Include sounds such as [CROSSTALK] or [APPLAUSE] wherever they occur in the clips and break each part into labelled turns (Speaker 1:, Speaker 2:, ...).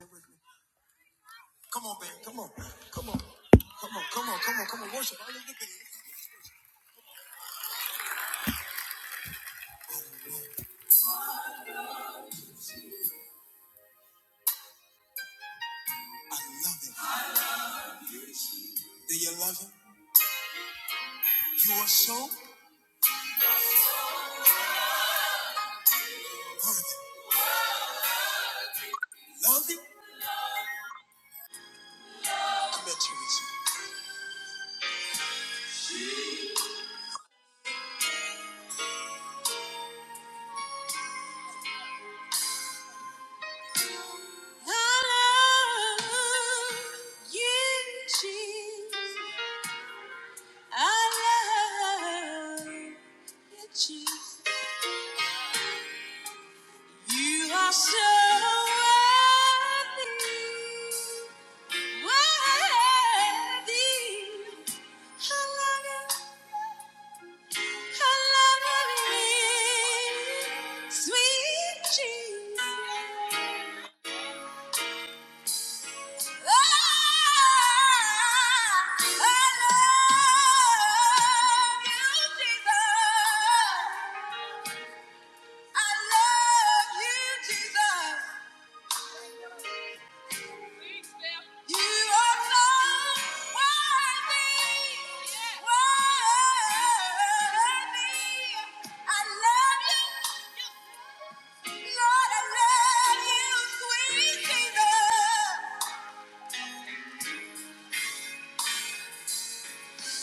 Speaker 1: Come on, man. Come on. Come on. Come on. Come on. Come on. Come on. Worship all over the building. I love him. Do you love him? You are so worthy. Love him. I met Teresa. I love you, Jesus. I love you, Jesus. You are so worthy. Worthy. I love you. Lord, I love you, sweet Jesus.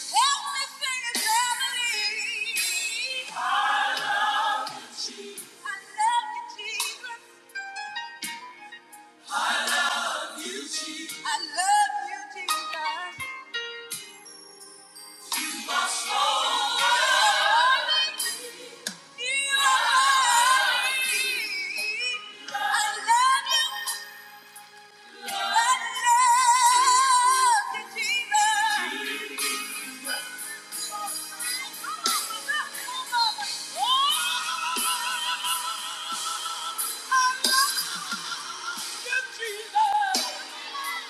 Speaker 1: Jesus.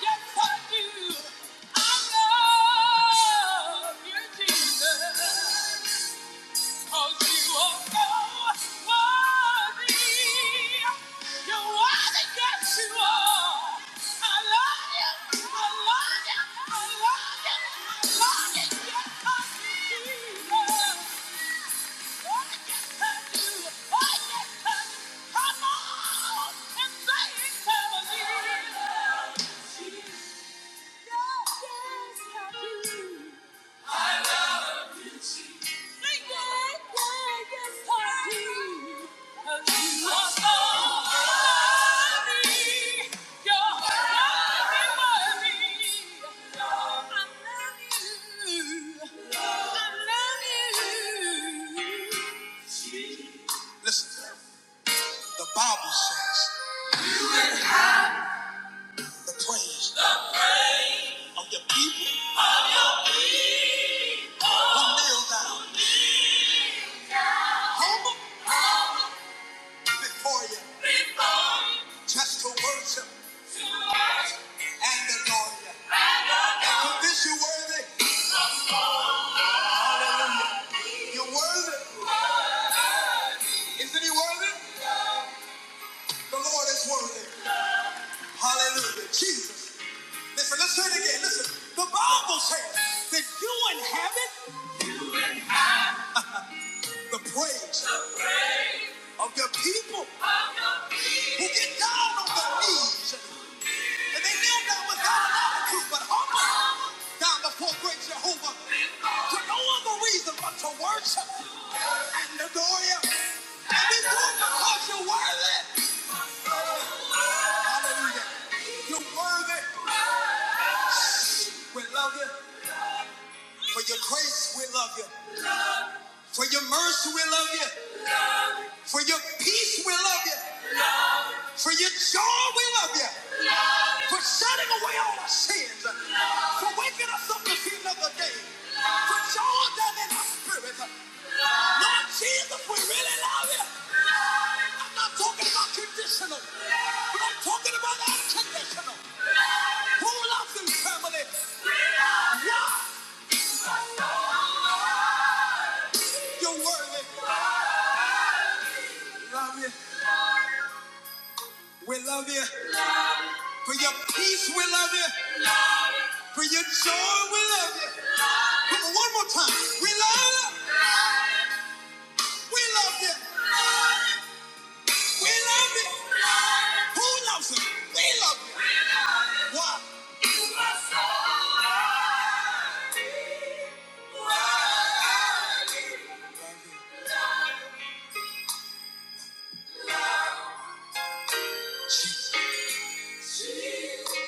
Speaker 1: Yes, I do. Yes, I do. Listen, the Bible says the praise of your people will kneel down humble before you just to worship and adore you. For this you worthy. Hallelujah. You're worthy. Isn't he worthy? The Lord is worthy. Hallelujah. Jesus. Listen, let's say it again. Listen. The Bible says that you inhabit the praise of your people who get down on their knees. And they kneel down without an attitude, but humble down before great Jehovah. To no other reason but to worship and adore you. And we do it because you're worthy. Hallelujah. You're worthy. We love you. For your grace, we love you. For your mercy, we love you. For your peace, we love you. For your joy, we love you. Love. For shutting away all our sins. Love. For waking us up to see another day. Love. For joy down in our spirit. Love. Lord Jesus, we really love you. Love. I'm not talking about conditional, Love. but I'm talking about unconditional. Who loves you, family? Yeah, you're worthy. We Love you. We love you. For your peace, we love you. For your joy, we love you. Come on, one more time. We love you. We love you. We love you. Who loves you? We love you. Why? You are so loved. Jesus. Jesus.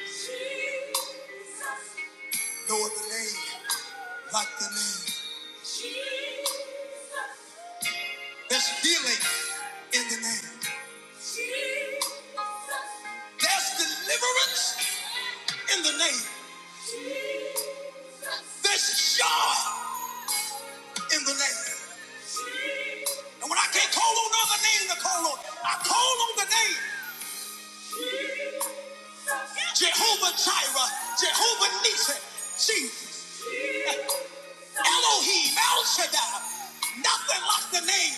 Speaker 1: Jesus. No other name like the name. Jesus. There's healing in the name. There's deliverance in the name. There's joy in the name. And when I can't call on other name to call on, I call on the name Jehovah Jireh, Jehovah Nissi, Jesus, Elohim, El Shaddai. Nothing like the name.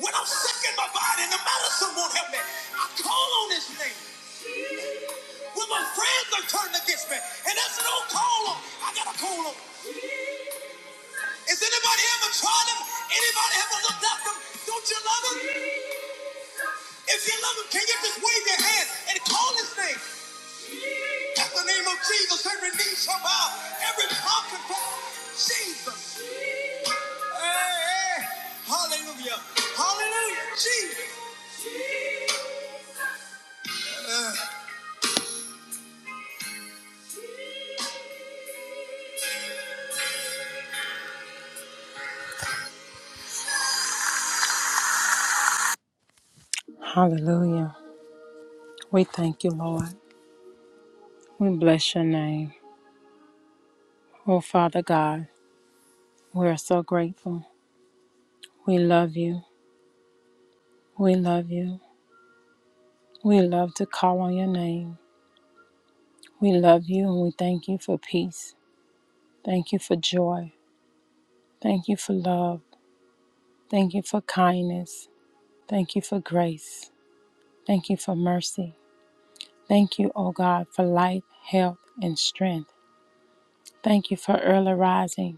Speaker 1: When I'm sick in my body and the medicine won't help me, I call on His name. when my friends are turning against me. And that's an old call on. I got a call on. Has anybody ever tried them? Anybody ever looked at them? Don't you love them? If you love them, can you just wave your hand and call his name? At the name of Jesus, every knee shall bow, every tongue confess Jesus. Hey, hey. Hallelujah. Hallelujah. Jesus. Hallelujah. We thank you, Lord. We bless your name. Oh, Father God, we are so grateful. We love you. We love you. We love to call on your name. We love you and we thank you for peace. Thank you for joy. Thank you for love. Thank you for kindness. Thank you for grace. Thank you for mercy. Thank you, O God, for life, health, and strength. Thank you for early rising.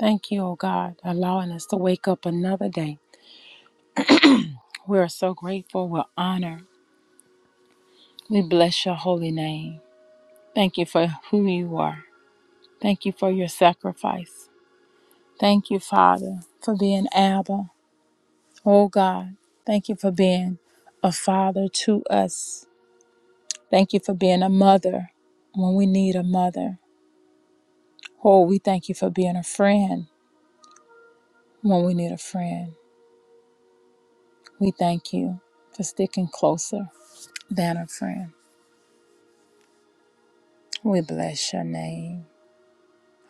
Speaker 1: Thank you, O God, allowing us to wake up another day. We are so grateful. We're honored. We bless your holy name. Thank you for who you are. Thank you for your sacrifice. Thank you, Father, for being Abba. Oh God, thank you for being a father to us. Thank you for being a mother when we need a mother. Oh, we thank you for being a friend when we need a friend. We thank you for sticking closer than a friend. We bless your name.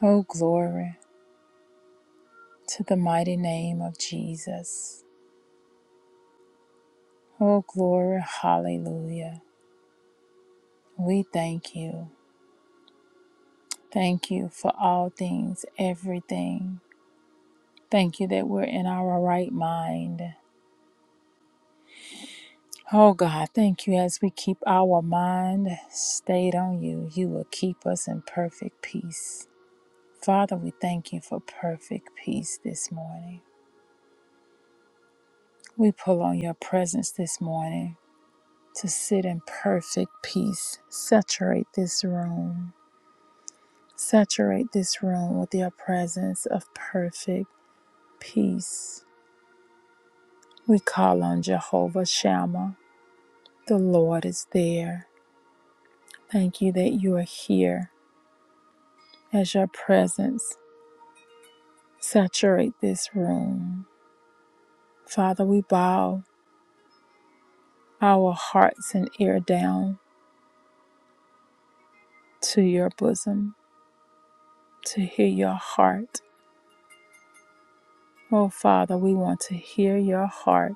Speaker 1: Oh, glory to the mighty name of Jesus. Oh, glory, hallelujah. We thank you. Thank you for all things, everything. Thank you that we're in our right mind. Oh God, thank you. As we keep our mind stayed on you, you will keep us in perfect peace. Father, we thank you for perfect peace this morning. We pull on your presence this morning to sit in perfect peace. Saturate this room. Saturate this room with your presence of perfect peace. We call on Jehovah Shammah. The Lord is there. Thank you that you are here as your presence Saturate this room. Father, we bow our hearts and ear down to your bosom to hear your heart. Oh, Father, we want to hear your heart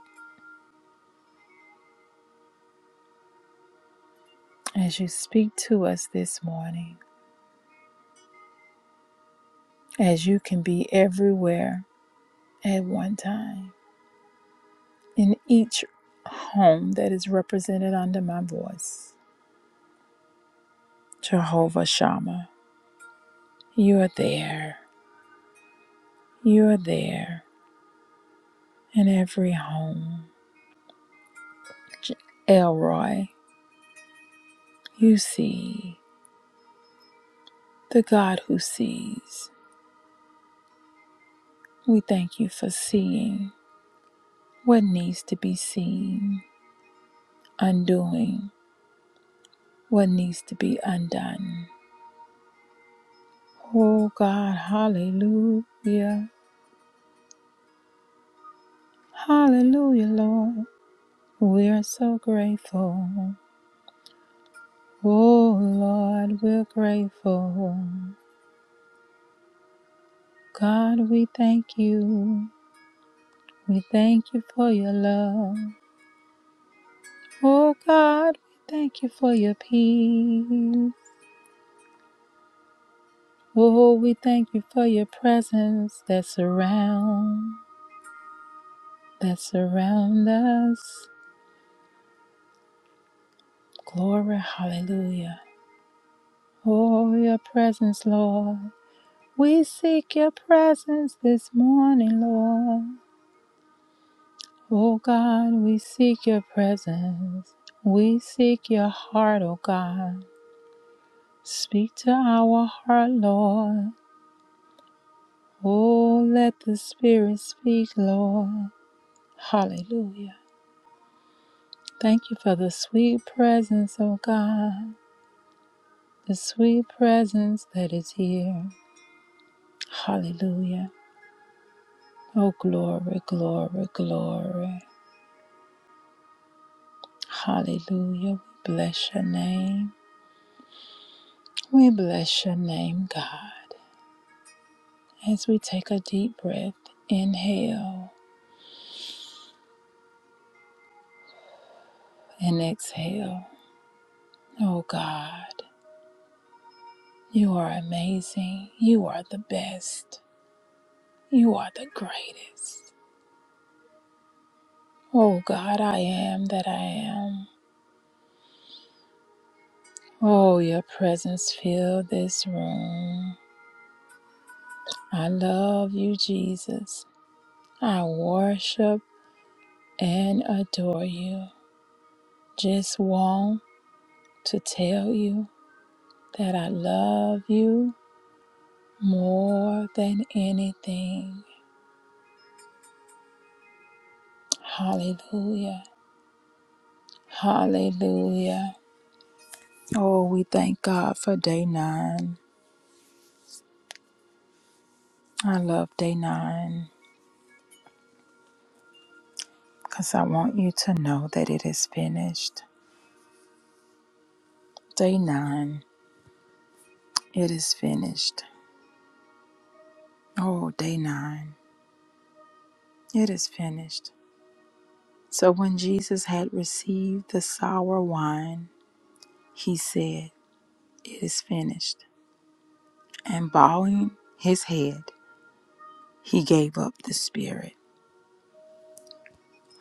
Speaker 1: as you speak to us this morning, as you can be everywhere at one time in each home that is represented under my voice. Jehovah Shammah, you are there. You are there in every home. Elroy. You see, the God who sees. We thank you for seeing what needs to be seen, undoing what needs to be undone. Oh God, hallelujah. Hallelujah, Lord. We're so grateful. Oh Lord, we're grateful. God, we thank you. We thank you for your love. Oh God, we thank you for your peace. Oh, we thank you for your presence that surround, that surround us. Glory, hallelujah. Oh, your presence, Lord. We seek your presence this morning, Lord. Oh God, we seek your presence. We seek your heart, oh God. Speak to our heart, Lord. Oh, let the Spirit speak, Lord. Hallelujah. Thank you for the sweet presence, oh God, the sweet presence that is here. Hallelujah. Oh, glory, glory, glory. Hallelujah. We bless your name. We bless your name, God, as we take a deep breath, inhale and exhale. Oh, God, you are amazing. You are the best. You are the greatest. Oh, God, I am that I am. Oh, your presence fill this room. I love you, Jesus. I worship and adore you. Just want to tell you that I love you more than anything. Hallelujah. Hallelujah. Oh, we thank God for day nine. I love day nine because I want you to know that it is finished. Day nine, it is finished. Oh, day nine. It is finished. So when Jesus had received the sour wine, he said, It is finished. And bowing his head, he gave up the spirit.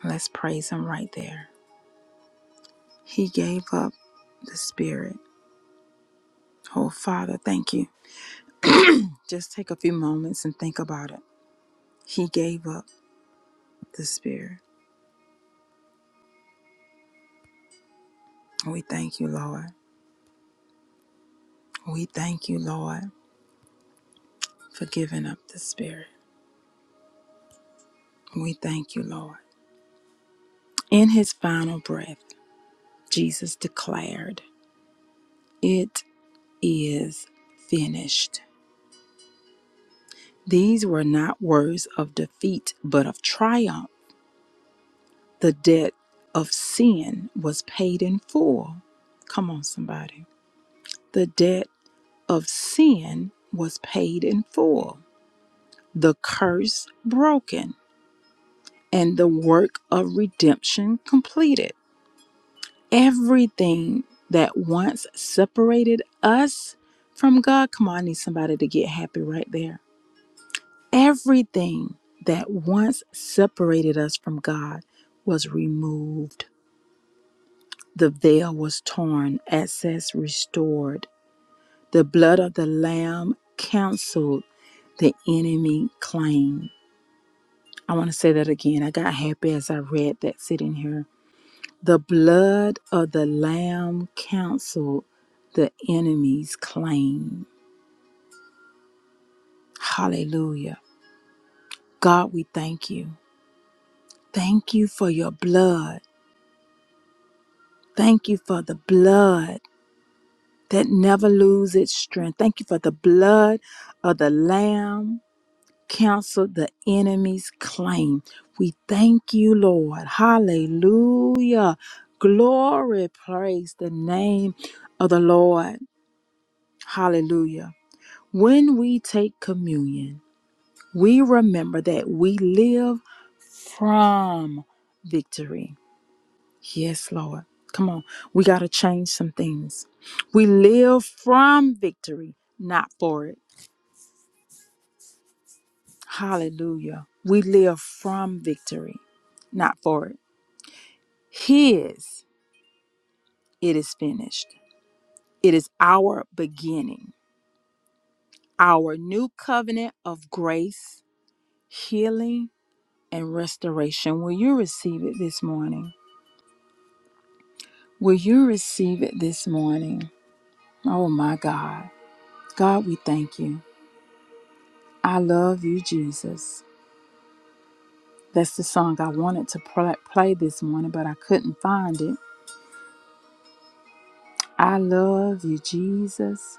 Speaker 1: Let's praise him right there. He gave up the spirit. Oh, Father, thank you. Just take a few moments and think about it. He gave up the spirit. We thank you, Lord. We thank you, Lord, for giving up the spirit. We thank you, Lord. In his final breath, Jesus declared, It is finished. These were not words of defeat, but of triumph. The debt of sin was paid in full. Come on, somebody. The debt of sin was paid in full, the curse broken, and the work of redemption completed. Everything that once separated us from God, come on, I need somebody to get happy right there. Everything that once separated us from God was removed. The veil was torn, access restored. The blood of the Lamb canceled the enemy claim. I want to say that again. I got happy as I read that sitting here The blood of the Lamb counseled the enemy's claim. Hallelujah. God, we thank you. Thank you for your blood. Thank you for the blood that never loses its strength. Thank you for the blood of the Lamb counseled the enemy's claim. We thank you, Lord. Hallelujah. Glory, praise the name of the Lord. Hallelujah. When we take communion, we remember that we live from victory. Yes, Lord. Come on. We got to change some things. We live from victory, not for it. Hallelujah. We live from victory, not for it. His, it is finished. It is our beginning, our new covenant of grace, healing, and restoration. Will you receive it this morning? Will you receive it this morning? Oh my God. God, we thank you. I love you, Jesus. That's the song I wanted to pl- play this morning, but I couldn't find it. I love you, Jesus.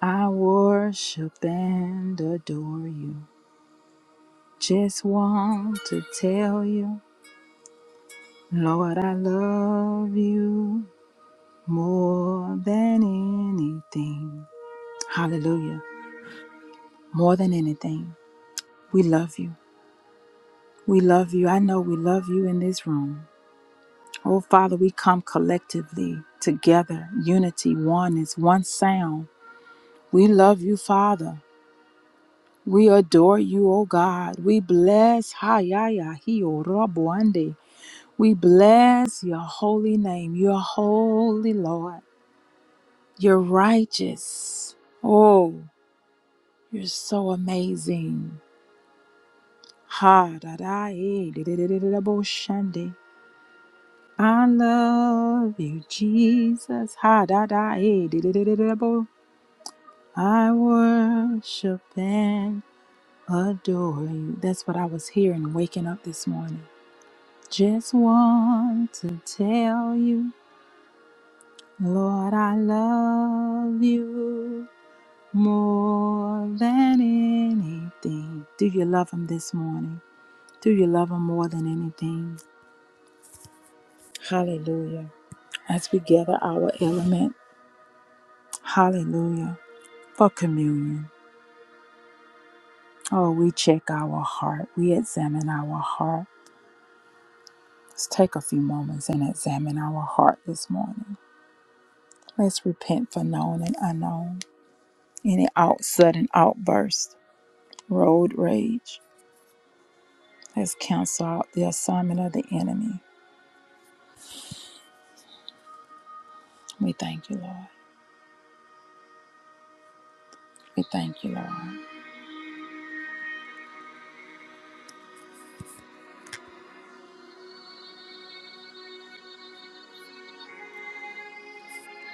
Speaker 1: I worship and adore you. Just want to tell you, Lord, I love you more than anything. Hallelujah. More than anything. We love you. We love you. I know we love you in this room. Oh, Father, we come collectively together, unity, oneness, one sound. We love you, Father. We adore you, O God. We bless Hayaya Hio Rabuande. We bless your holy name. You're holy, Lord. You're righteous. Oh, you're so amazing. Ha da da e, de, de, de, de, de, bo, shande. I love you, Jesus. Ha da da eh, di, di, di, di, di, bo. I worship and adore you. That's what I was hearing waking up this morning. Just want to tell you, Lord, I love you more than anything. Do you love him this morning? Do you love him more than anything? Hallelujah. As we gather our element, hallelujah. For communion, oh, we check our heart, we examine our heart. Let's take a few moments and examine our heart this morning. Let's repent for known and unknown. Any out sudden outburst, road rage. Let's cancel out the assignment of the enemy. We thank you, Lord. We thank you, Lord.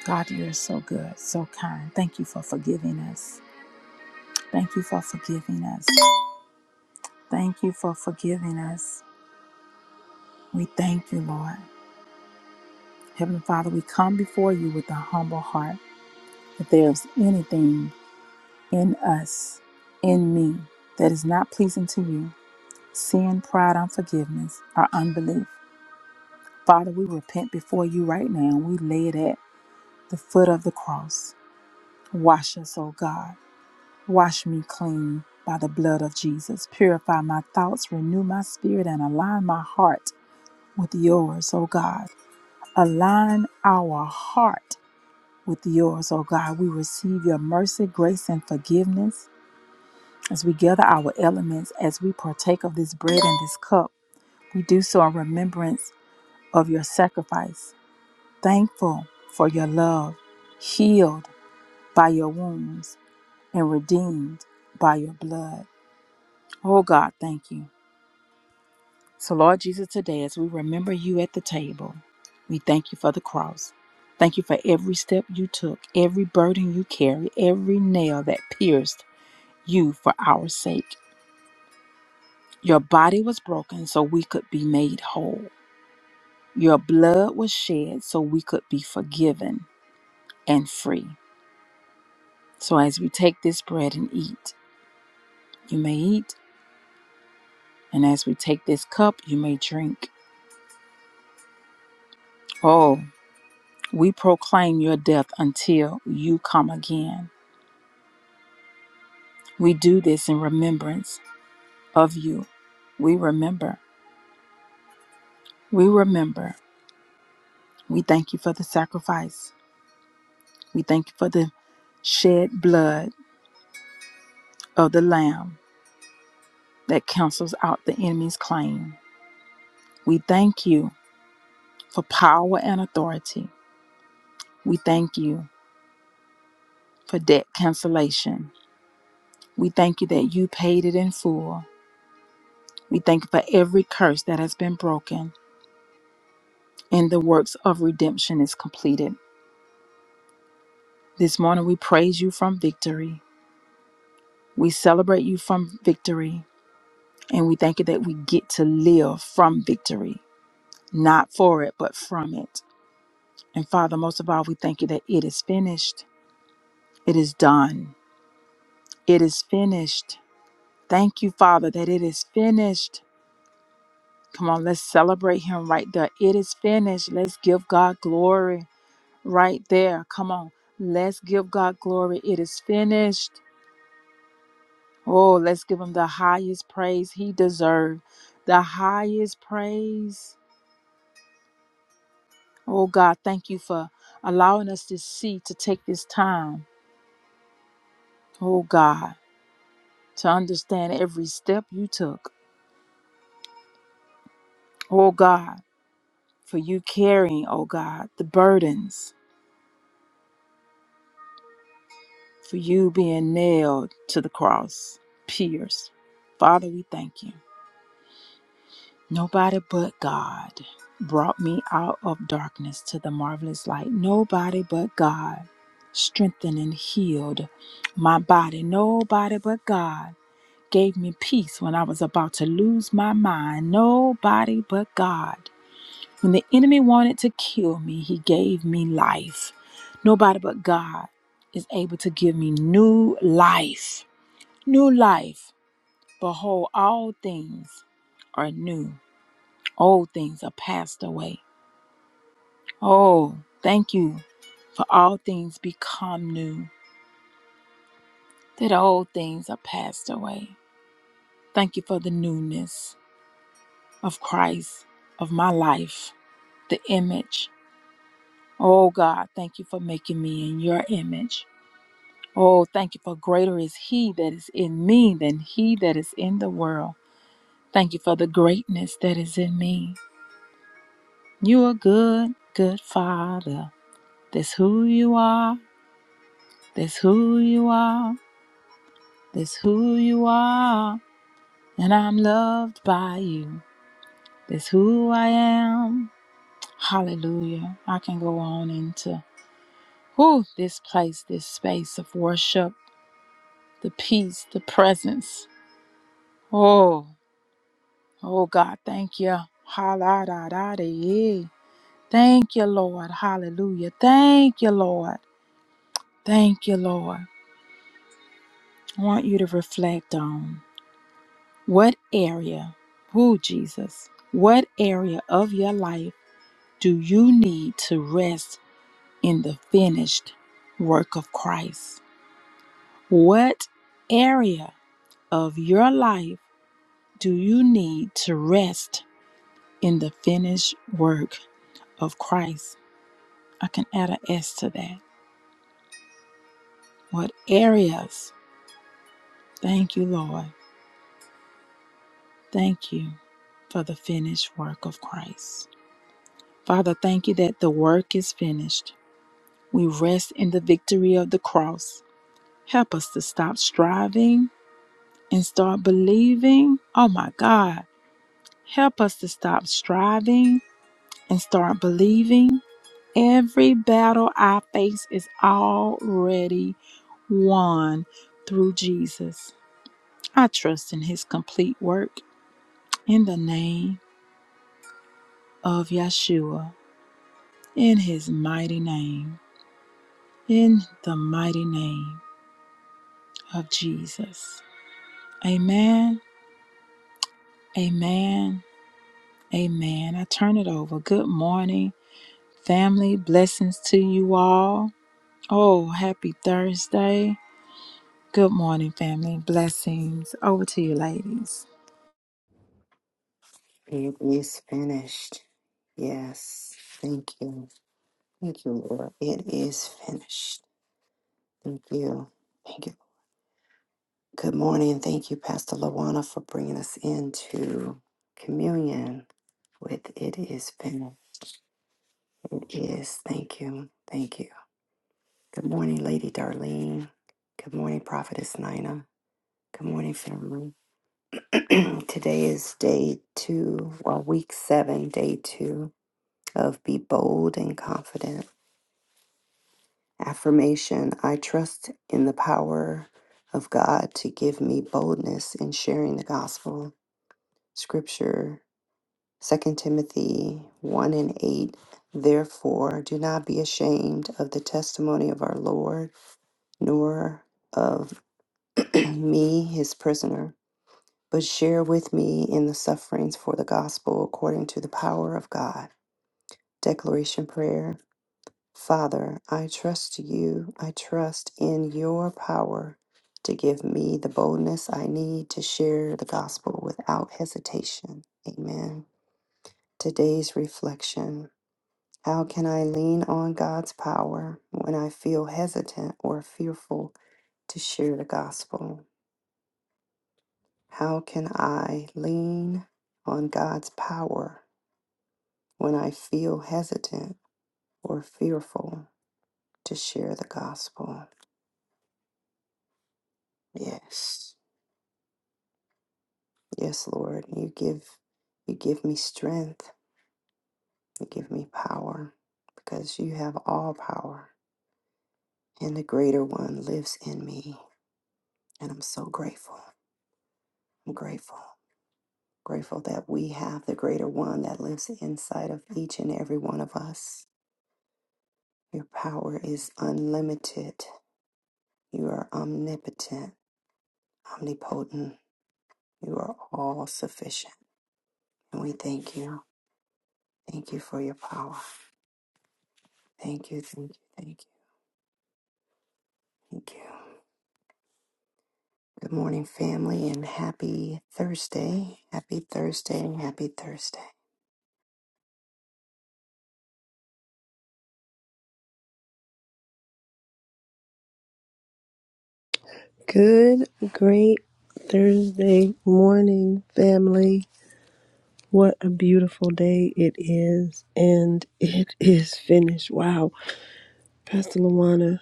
Speaker 1: God, you're so good, so kind. Thank you for forgiving us. Thank you for forgiving us. Thank you for forgiving us. We thank you, Lord. Heavenly Father, we come before you with a humble heart. If there is anything in us, in me, that is not pleasing to you, sin, pride, unforgiveness, or unbelief, Father, we repent before you right now. We lay it at the foot of the cross. Wash us, O God. Wash me clean by the blood of Jesus. Purify my thoughts, renew my spirit, and align my heart with yours, O God. Align our heart with yours, O God. We receive your mercy, grace, and forgiveness as we gather our elements, as we partake of this bread and this cup. We do so in remembrance of your sacrifice, thankful for your love, healed by your wounds, and redeemed by your blood. Oh God, thank you. So, Lord Jesus, today as we remember you at the table, we thank you for the cross. Thank you for every step you took, every burden you carried, every nail that pierced you for our sake. Your body was broken so we could be made whole. Your blood was shed so we could be forgiven and free. So as we take this bread and eat, you may eat, and as we take this cup, you may drink. Oh, we proclaim your death until you come again. We do this in remembrance of you. We remember. We remember. We thank you for the sacrifice. We thank you for the shed blood of the Lamb that cancels out the enemy's claim. We thank you for power and authority. We thank you for debt cancellation. We thank you that you paid it in full. We thank you for every curse that has been broken and the works of redemption is completed. This morning we praise you from victory. We celebrate you from victory. And we thank you that we get to live from victory, not for it, but from it. And Father, most of all, we thank you that it is finished, it is done. It is finished. Thank you, Father, that it is finished. Come on, let's celebrate Him right there. It is finished. Let's give God glory right there. Come on, let's give God glory. It is finished. Oh, let's give Him the highest praise He deserves. The highest praise. Oh, God, thank you for allowing us to see, to take this time. Oh, God, to understand every step you took. Oh, God. for you carrying, oh God, the burdens, for you being nailed to the cross, pierced. Father, we thank you. Nobody but God brought me out of darkness to the marvelous light. Nobody but God strengthened and healed my body. Nobody but God gave me peace when I was about to lose my mind. Nobody but God. When the enemy wanted to kill me, he gave me life. Nobody but God is able to give me new life. New life. Behold, all things are new, old things are passed away. Oh, thank you for all things become new, that old things are passed away. Thank you for the newness of Christ, of my life, the image. Oh God, thank you for making me in your image. Oh, thank you for greater is He that is in me than He that is in the world. Thank you for the greatness that is in me. You are good, good Father. That's who you are. That's who you are. That's who you are. And I'm loved by you. That's who I am. Hallelujah. I can go on into whew, this place, this space of worship, the peace, the presence. Oh. Oh God, thank you. Hallelujah. Thank you, Lord. Hallelujah. Thank you, Lord. Thank you, Lord. I want you to reflect on what area, who Jesus, what area of your life do you need to rest in the finished work of Christ? What area of your life do you need to rest in the finished work of Christ? I can add an S to that. What areas? Thank you, Lord. Thank you for the finished work of Christ. Father, thank you that the work is finished. We rest in the victory of the cross. Help us to stop striving and start believing. Oh my God. Help us to stop striving and start believing. Every battle I face is already won through Jesus. I trust in his complete work in the name of Yeshua, in his mighty name, in the mighty name of Jesus. Amen, amen, amen. I turn it over. Good morning, family. Blessings to you all. Oh, happy Thursday. Good morning, family. Blessings. Over to you, ladies.
Speaker 2: It is finished. Yes. Thank you. Thank you, Lord. It is finished. Thank you. Thank you. Good morning. Thank you, Pastor Lawana, for bringing us into communion with It Is Finished. It is. Thank you. Thank you. Good morning, Lady Darlene. Good morning, Prophetess Nina. Good morning, family. [CLEARS THROAT] Today is day two, well, week seven, day two of Be Bold and Confident. Affirmation I trust in the power of God to give me boldness in sharing the gospel. Scripture Second Timothy 1 and 8. Therefore, do not be ashamed of the testimony of our Lord, nor of [CLEARS THROAT] me, his prisoner, but share with me in the sufferings for the gospel according to the power of God. Declaration Prayer Father, I trust you. I trust in your power to give me the boldness I need to share the gospel without hesitation. Amen. Today's reflection How can I lean on God's power when I feel hesitant or fearful to share the gospel? How can I lean on God's power when I feel hesitant or fearful to share the gospel? Yes. Yes, Lord, you give you give me strength, you give me power, because you have all power, and the greater one lives in me. And I'm so grateful. I'm grateful. Grateful that we have the greater one that lives inside of each and every one of us. Your power is unlimited. You are omnipotent, omnipotent. You are all sufficient. And we thank you. Thank you for your power. Thank you, thank you, thank you, thank you. Good morning, family, and happy Thursday. Happy Thursday. Happy Thursday.
Speaker 3: Good, great Thursday morning, family. What a beautiful day it is, and it is finished. Wow. Pastor Luana,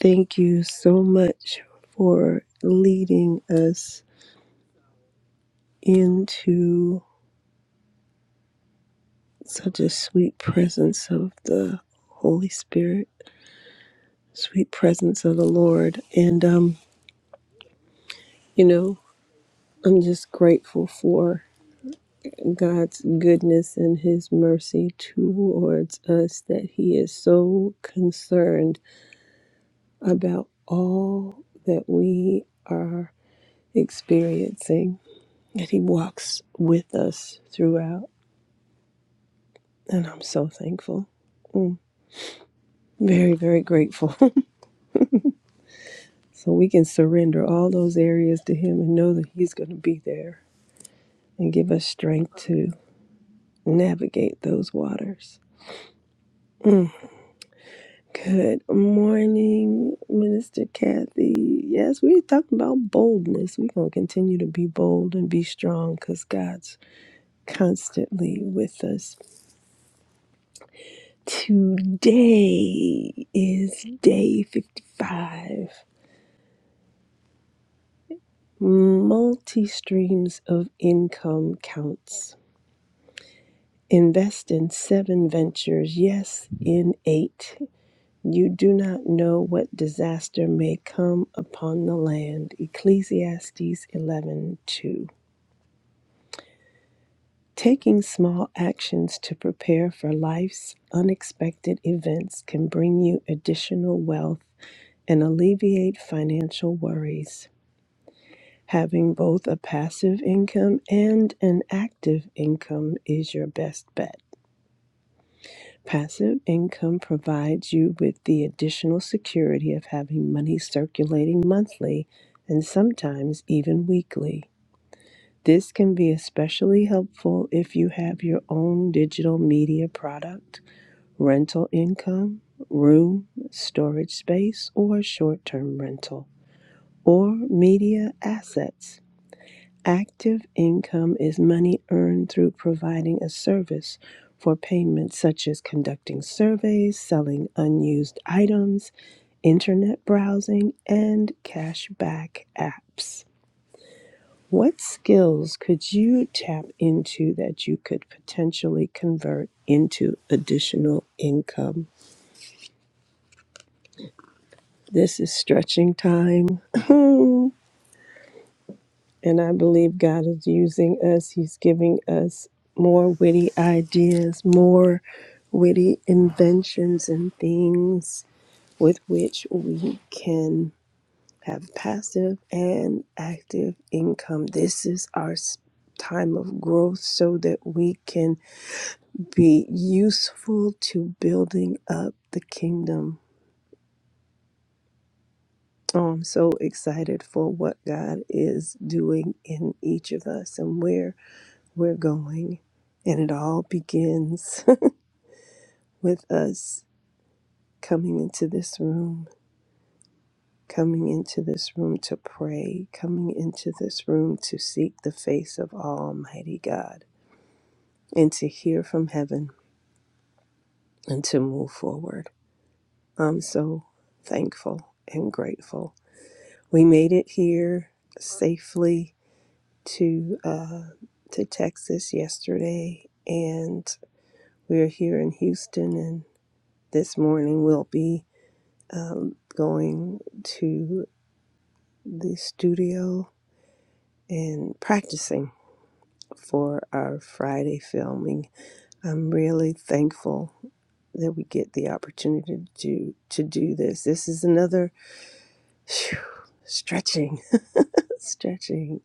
Speaker 3: thank you so much for leading us into such a sweet presence of the Holy Spirit, sweet presence of the Lord. And, um, you know, I'm just grateful for. God's goodness and His mercy towards us, that He is so concerned about all that we are experiencing, that He walks with us throughout. And I'm so thankful. Mm, Very, very grateful. [LAUGHS] so we can surrender all those areas to Him and know that He's going to be there and give us strength to navigate those waters. Good morning, Minister Kathy. Yes, we're talking about boldness. We're going to continue to be bold and be strong because God's constantly with us. Today is day 55. Multi streams of income counts. Invest in seven ventures. Yes, in eight. You do not know what disaster may come upon the land. Ecclesiastes 11:2. Taking small actions to prepare for life's unexpected events can bring you additional wealth and alleviate financial worries. Having both a passive income and an active income is your best bet. Passive income provides you with the additional security of having money circulating monthly and sometimes even weekly. This can be especially helpful if you have your own digital media product, rental income, room, storage space, or short term rental, or media assets. Active income is money earned through providing a service for payment, such as conducting surveys, selling unused items, internet browsing, and cashback apps. What skills could you tap into that you could potentially convert into additional income? This is stretching time. [LAUGHS] And I believe God is using us. He's giving us more witty ideas, more witty inventions and things with which we can have passive and active income. This is our s- time of growth so that we can be useful to building up the kingdom. Oh, I'm so excited for what God is doing in each of us and where we're going. And it all begins [LAUGHS] with us coming into this room, coming into this room to pray, coming into this room to seek the face of Almighty God and to hear from heaven and to move forward. I'm so thankful and grateful. We made it here safely to uh, to Texas yesterday, and we're here in Houston, and this morning we'll be um, going to the studio and practicing for our Friday filming. I'm really thankful that we get the opportunity to do, to do this. This is another phew, stretching, [LAUGHS] stretching,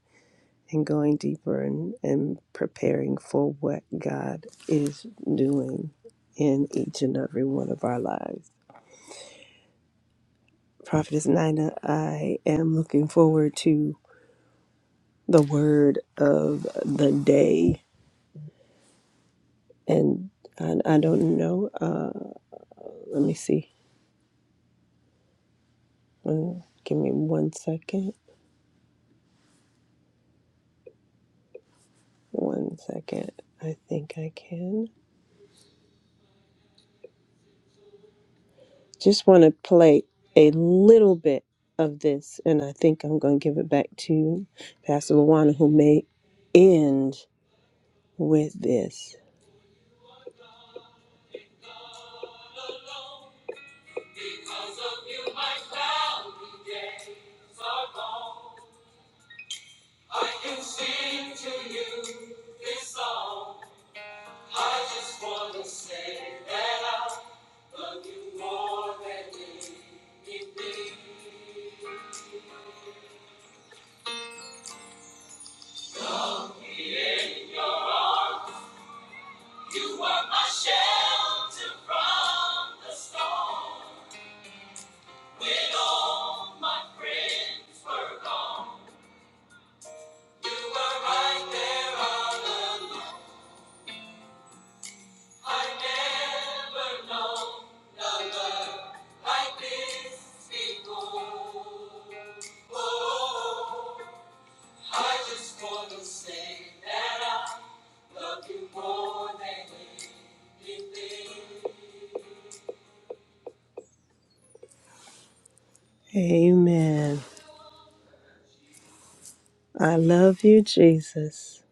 Speaker 3: and going deeper and, and preparing for what God is doing in each and every one of our lives. Prophetess Nina, I am looking forward to the word of the day. And I, I don't know. Uh, let me see. Uh, give me one second. One second. I think I can. Just want to play a little bit of this, and I think I'm going to give it back to Pastor Luana, who may end with this. Amen. I love you, Jesus.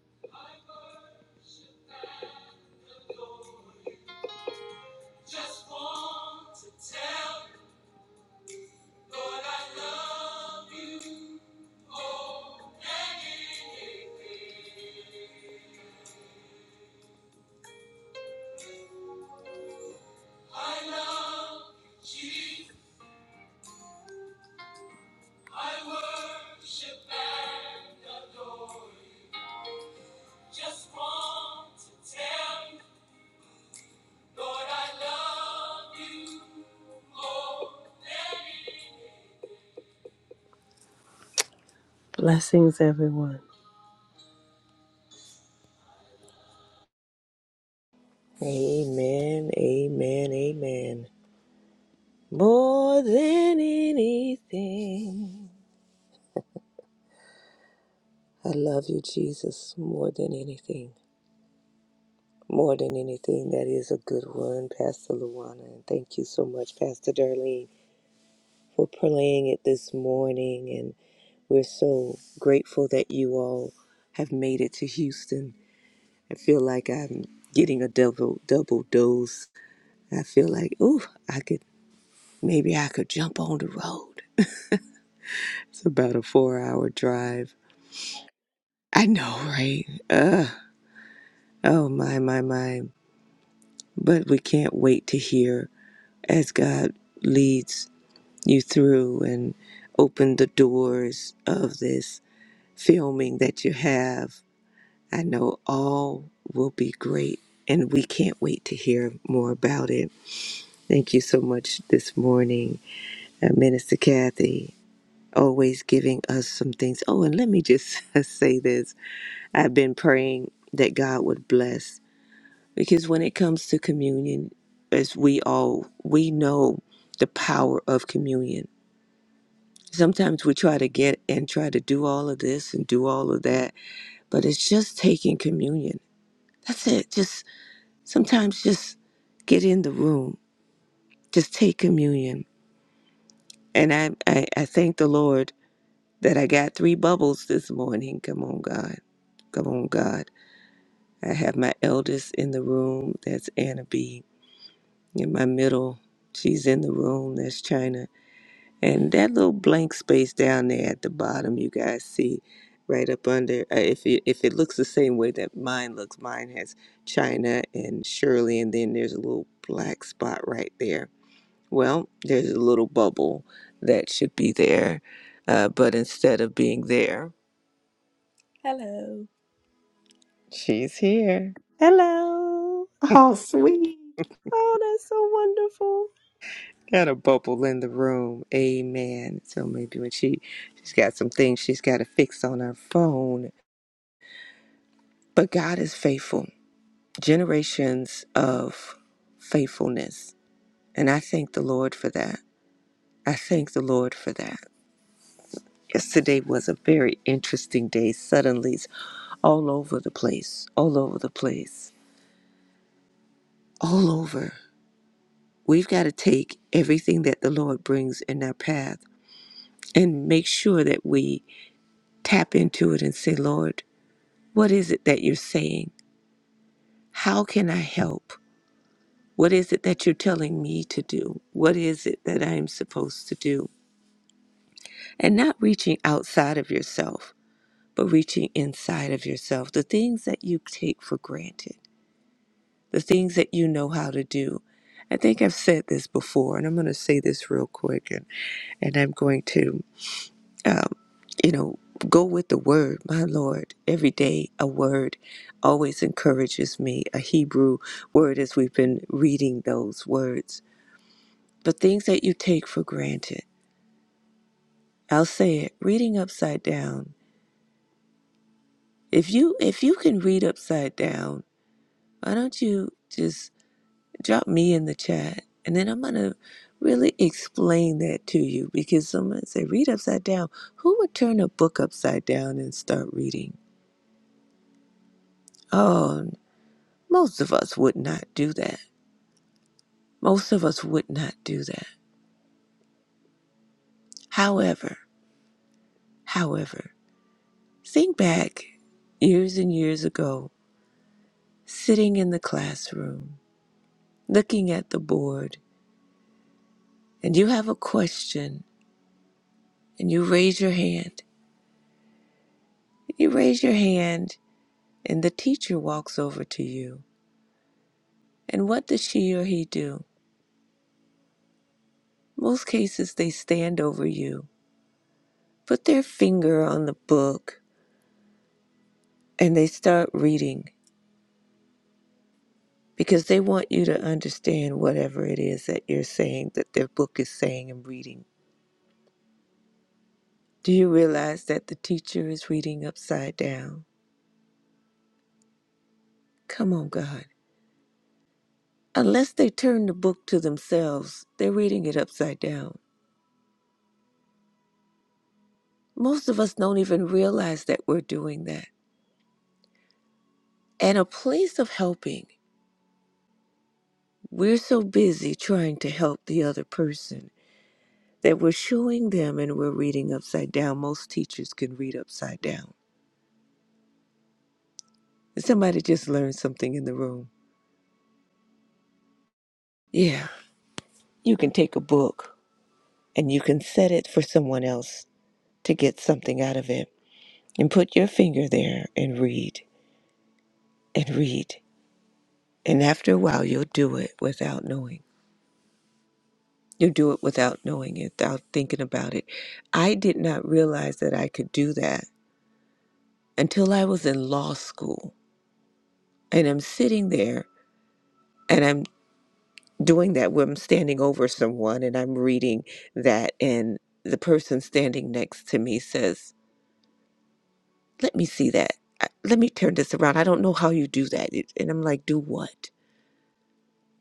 Speaker 3: Blessings, everyone.
Speaker 4: Amen, amen, amen. More than anything. I love you, Jesus, more than anything. More than anything. That is a good one, Pastor Luana. And thank you so much, Pastor Darlene, for playing it this morning. And we're so grateful that you all have made it to Houston. I feel like I'm getting a double double dose. I feel like, ooh, I could maybe I could jump on the road. It's about a four hour drive. I know, [LAUGHS] right? Ugh. Oh, my, my, my. But we can't wait to hear as God leads you through and open the doors of this filming that you have. I know all will be great, and we can't wait to hear more about it. Thank you so much this morning, uh, Minister Kathy, always giving us some things. Oh, and let me just [LAUGHS] say this I've been praying that God would bless because when it comes to communion, as we all we know the power of communion. Sometimes we try to get and try to do all of this and do all of that, but it's just taking communion. That's it. Just sometimes just get in the room. Just take communion. And I, I, I thank the Lord that I got three bubbles this morning. Come on, God. Come on, God. I have my eldest in the room. That's Anna B. in my middle. She's in the room. That's China. And that little blank space down there at the bottom, you guys see right up under. Uh, if, it, if it looks the same way that mine looks, mine has China and Shirley, and then there's a little black spot right there. Well, there's a little bubble that should be there, uh, but instead of being there, she's here.
Speaker 3: Hello.
Speaker 2: Oh, sweet.
Speaker 3: Oh, that's so wonderful.
Speaker 4: Got a bubble in the room. Amen. So maybe when she she's got some things she's got to fix on her phone But God is faithful, generations of faithfulness. And I thank the Lord for that. I thank the Lord for that. Yesterday was a very interesting day. Suddenly, all over the place, all over the place, all over. We've got to take everything that the Lord brings in our path and make sure that we tap into it and say, Lord, what is it that you're saying? How can I help? What is it that you're telling me to do? What is it that I am supposed to do? And not reaching outside of yourself, but reaching inside of yourself. The things that you take for granted, the things that you know how to do. I think I've said this before, and I'm going to say this real quick, and, and I'm going to, um, you know, go with the word, my Lord. Every day, a word always encourages me. A Hebrew word, as we've been reading those words the things that you take for granted. I'll say it, reading upside down. If you if you can read upside down, why don't you just drop me in the chat and then I'm gonna really explain that to you because someone say read upside down. Who would turn a book upside down and start reading? Oh most of us would not do that. Most of us would not do that. However, however, think back years and years ago, sitting in the classroom looking at the board and you have a question and you raise your hand. You raise your hand and the teacher walks over to you. And what does she or he do? Most cases they stand over you, put their finger on the book, and they start reading because they want you to understand whatever it is that you're saying, that their book is saying and reading. Do you realize that the teacher is reading upside down? Come on, God. Unless they turn the book to themselves, they're reading it upside down. Most of us don't even realize that we're doing that. And a place of helping, we're so busy trying to help the other person that we're showing them and we're reading upside down. Most teachers can read upside down. Somebody just learned something in the room. Yeah, you can take a book and you can set it for someone else to get something out of it and put your finger there and read and read. And after a while, you'll do it without knowing. You'll do it without knowing it, without thinking about it. I did not realize that I could do that until I was in law school. And I'm sitting there and I'm doing that where I'm standing over someone and I'm reading that. And the person standing next to me says, Let me see that. I- Let me turn this around. I don't know how you do that. It- And I'm like, Do what?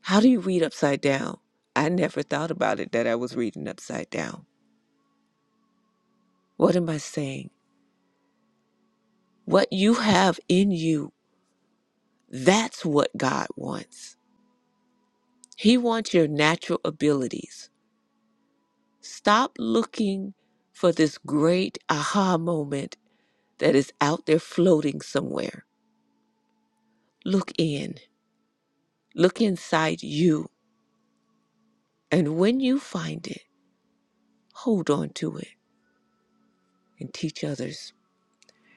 Speaker 4: How do you read upside down? I never thought about it that I was reading upside down. What am I saying? What you have in you, that's what God wants. He wants your natural abilities. Stop looking for this great aha moment that is out there floating somewhere. Look in, look inside you. And when you find it, hold on to it and teach others.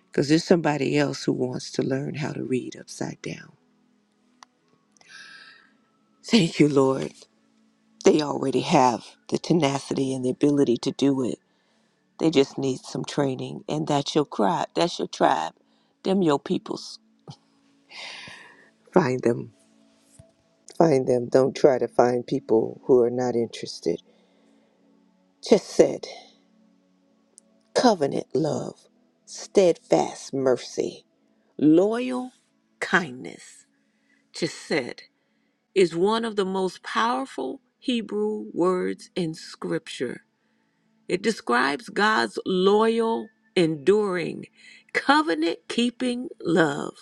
Speaker 4: Because there's somebody else who wants to learn how to read upside down. Thank you, Lord. They already have the tenacity and the ability to do it They just need some training, and that's your tribe. That's your tribe. Them your peoples. Find them. Find them. Don't try to find people who are not interested. Just said covenant love, steadfast mercy, loyal kindness. Chesed is one of the most powerful Hebrew words in Scripture. It describes God's loyal, enduring, covenant keeping love.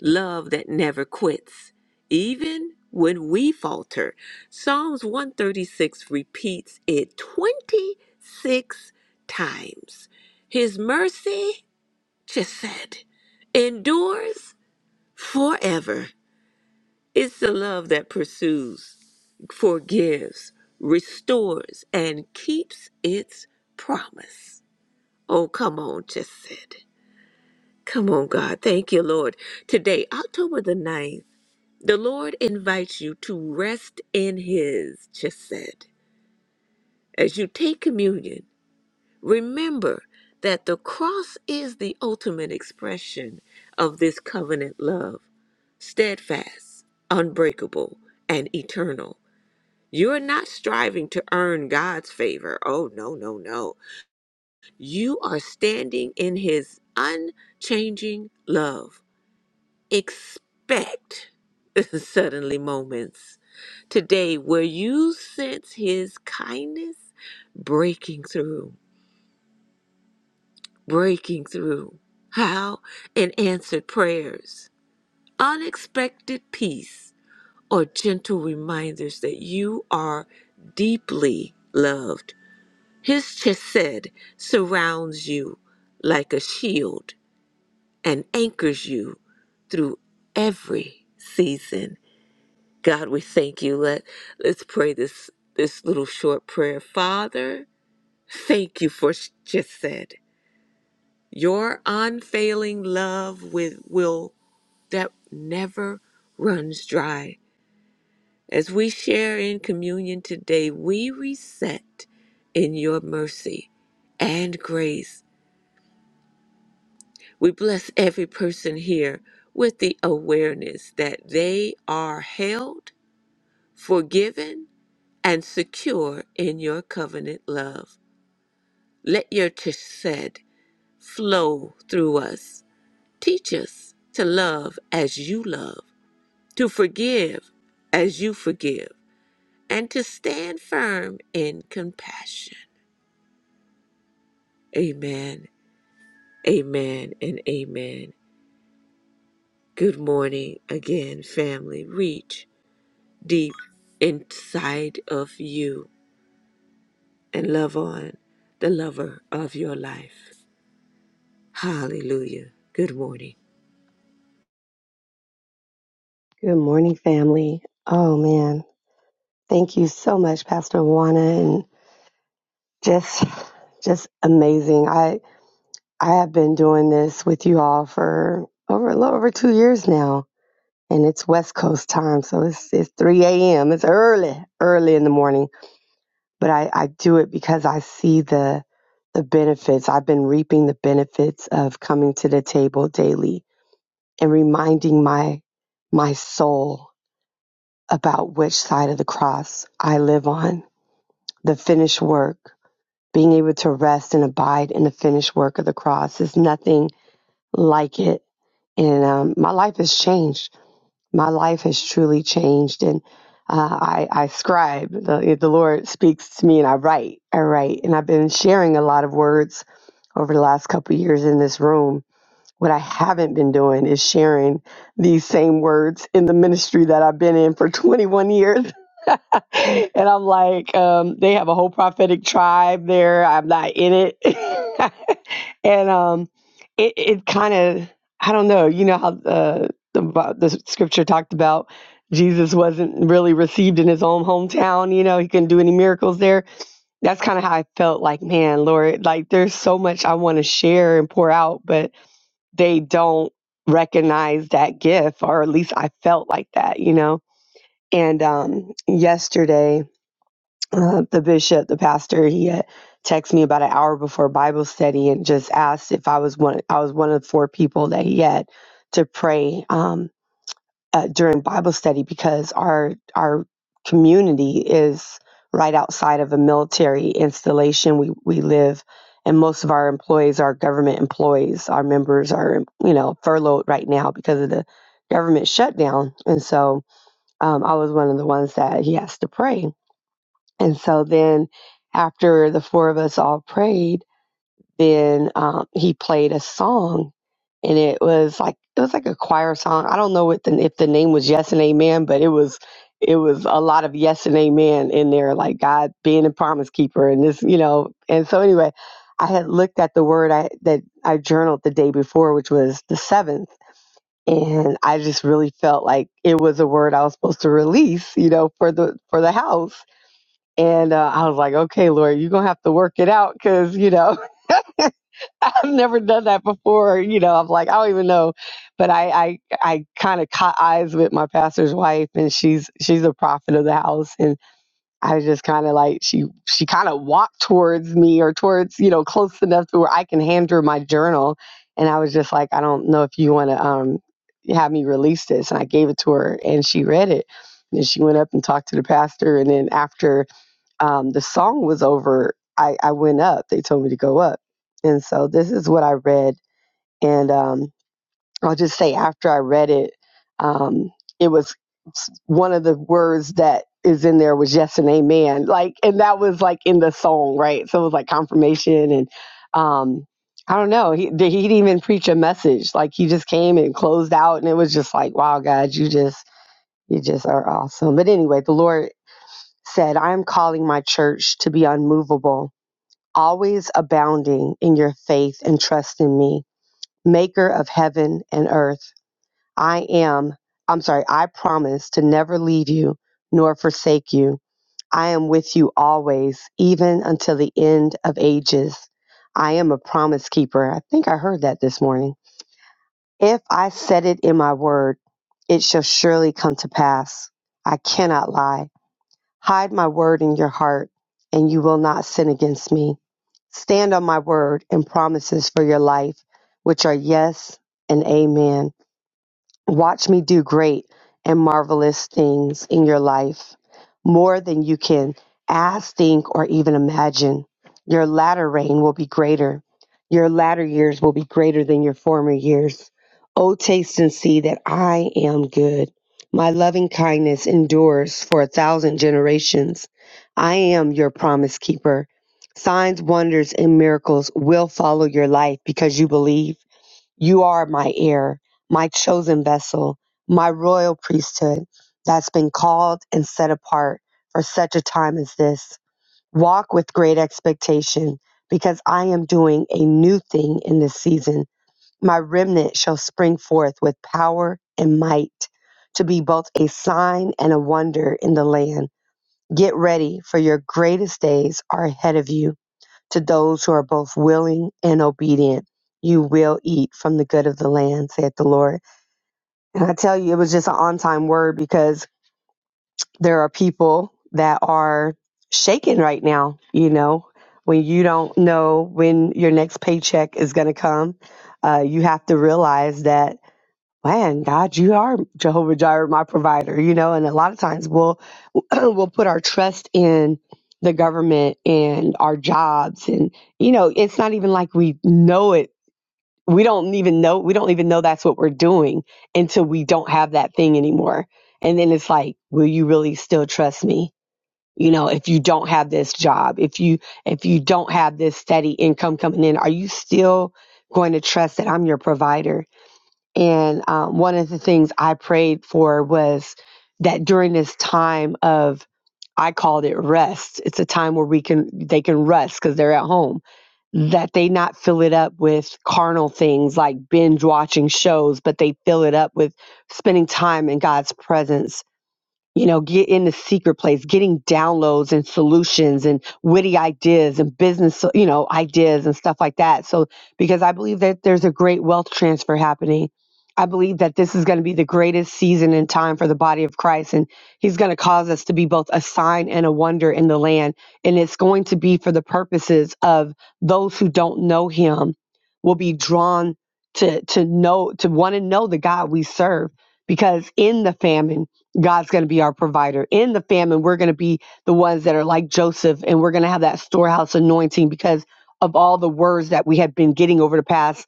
Speaker 4: love that never quits, even when we falter. Psalms 136 repeats it 26 times. His mercy, just said, endures forever. It's the love that pursues, forgives, restores, and keeps its promise. Oh, come on, just said. Come on, God. Thank you, Lord. Today, October the ninth. The Lord invites you to rest in His, just said. As you take communion, remember that the cross is the ultimate expression of this covenant love steadfast, unbreakable, and eternal. You're not striving to earn God's favor. Oh, no, no, no. You are standing in His unchanging love. expect [LAUGHS] suddenly moments today where you sense his kindness breaking through, breaking through. How? In answered prayers, unexpected peace, or gentle reminders that you are deeply loved. His chesed surrounds you like a shield and anchors you through every season. God, we thank you. Let let's pray this this little short prayer. Father, thank you for s- just said your unfailing love with will that never runs dry. As we share in communion today, we reset in your mercy and grace. We bless every person here with the awareness that they are held forgiven and secure in your covenant love. Let your chesed flow through us. Teach us to love as you love, to forgive as you forgive, and to stand firm in compassion. Amen, amen, and amen. Good morning again, family. Reach deep inside of you and love on the lover of your life. Hallelujah. Good morning.
Speaker 5: Good morning, family. Oh man, thank you so much, Pastor Juana, and just, just amazing. I I have been doing this with you all for over a little over two years now, and it's West Coast time, so it's it's three a.m. It's early, early in the morning, but I I do it because I see the the benefits. I've been reaping the benefits of coming to the table daily and reminding my my soul about which side of the cross I live on. The finished work, being able to rest and abide in the finished work of the cross, is nothing like it. And um, my life has changed. My life has truly changed. And uh, I, I scribe. The, the Lord speaks to me, and I write. I write, and I've been sharing a lot of words over the last couple of years in this room what I haven't been doing is sharing these same words in the ministry that I've been in for 21 years. [LAUGHS] and I'm like, um, they have a whole prophetic tribe there. I'm not in it. [LAUGHS] and um, it, it kind of, I don't know, you know how uh, the, Bi- the scripture talked about Jesus wasn't really received in his own hometown, you know, he couldn't do any miracles there. That's kind of how I felt like, man, Lord, like there's so much I want to share and pour out, but they don't recognize that gift or at least i felt like that you know and um yesterday uh, the bishop the pastor he had texted me about an hour before bible study and just asked if i was one i was one of four people that he had to pray um, uh, during Bible study because our our community is right outside of a military installation. We we live, and most of our employees are government employees. Our members are you know furloughed right now because of the government shutdown, and so um, I was one of the ones that he asked to pray. And so then after the four of us all prayed then um, he played a song, and it was like it was like a choir song. I don't know what the, if the name was Yes and Amen, but it was it was a lot of Yes and Amen in there, like God being a promise keeper, and this, you know. And so anyway, I had looked at the word I that I journaled the day before, which was the seventh. And I just really felt like it was a word I was supposed to release, you know, for the for the house. And uh, I was like, okay, Lord, you're gonna have to work it out, cause you know. [LAUGHS] [LAUGHS] I've never done that before. You know, I'm like, I don't even know, but I, I, I kind of caught eyes with my pastor's wife, and she's she's a prophet of the house, and I just kind of like she she kind of walked towards me or towards you know close enough to where I can hand her my journal, and I was just like, I don't know if you want to um have me release this, and I gave it to her, and she read it, and she went up and talked to the pastor, and then after um, the song was over, I, I went up. They told me to go up. And so this is what I read. And um, I'll just say, after I read it, um, it was one of the words that is in there was yes and amen. Like, and that was like in the song, right? So it was like confirmation. And um, I don't know, he, he didn't even preach a message. Like, he just came and closed out. And it was just like, wow, God, you just. You just are awesome. But anyway, the Lord said, I am calling my church to be unmovable, always abounding in your faith and trust in me, maker of heaven and earth. I am, I'm sorry, I promise to never leave you nor forsake you. I am with you always, even until the end of ages. I am a promise keeper. I think I heard that this morning. If I said it in my word, it shall surely come to pass. I cannot lie. Hide my word in your heart, and you will not sin against me. Stand on my word and promises for your life, which are yes and amen. Watch me do great and marvelous things in your life, more than you can ask, think, or even imagine. Your latter reign will be greater. Your latter years will be greater than your former years. Oh, taste and see that I am good. My loving kindness endures for a thousand generations. I am your promise keeper. Signs, wonders, and miracles will follow your life because you believe. You are my heir, my chosen vessel, my royal priesthood that's been called and set apart for such a time as this. Walk with great expectation because I am doing a new thing in this season. My remnant shall spring forth with power and might to be both a sign and a wonder in the land. Get ready, for your greatest days are ahead of you. To those who are both willing and obedient, you will eat from the good of the land, saith the Lord. And I tell you, it was just an on time word because there are people that are shaken right now, you know, when you don't know when your next paycheck is going to come. Uh, you have to realize that, man, God, you are Jehovah Jireh, my provider, you know, and a lot of times we'll [CLEARS THROAT] we will put our trust in the government and our jobs and you know it's not even like we know it we don't even know we don't even know that's what we're doing until we don't have that thing anymore and then it's like will you really still trust me you know if you don't have this job if you if you don't have this steady income coming in are you still going to trust that I'm your provider and um, one of the things I prayed for was that during this time of, I called it rest. It's a time where we can, they can rest because they're at home, that they not fill it up with carnal things like binge watching shows, but they fill it up with spending time in God's presence you know, get in the secret place, getting downloads and solutions and witty ideas and business, you know, ideas and stuff like that. So, because I believe that there's a great wealth transfer happening. I believe that this is going to be the greatest season and time for the body of Christ. And he's going to cause us to be both a sign and a wonder in the land. And it's going to be for the purposes of those who don't know him will be drawn to, to know, to want to know the God we serve. Because in the famine, God's going to be our provider. In the famine, we're going to be the ones that are like Joseph, and we're going to have that storehouse anointing because of all the words that we have been getting over the past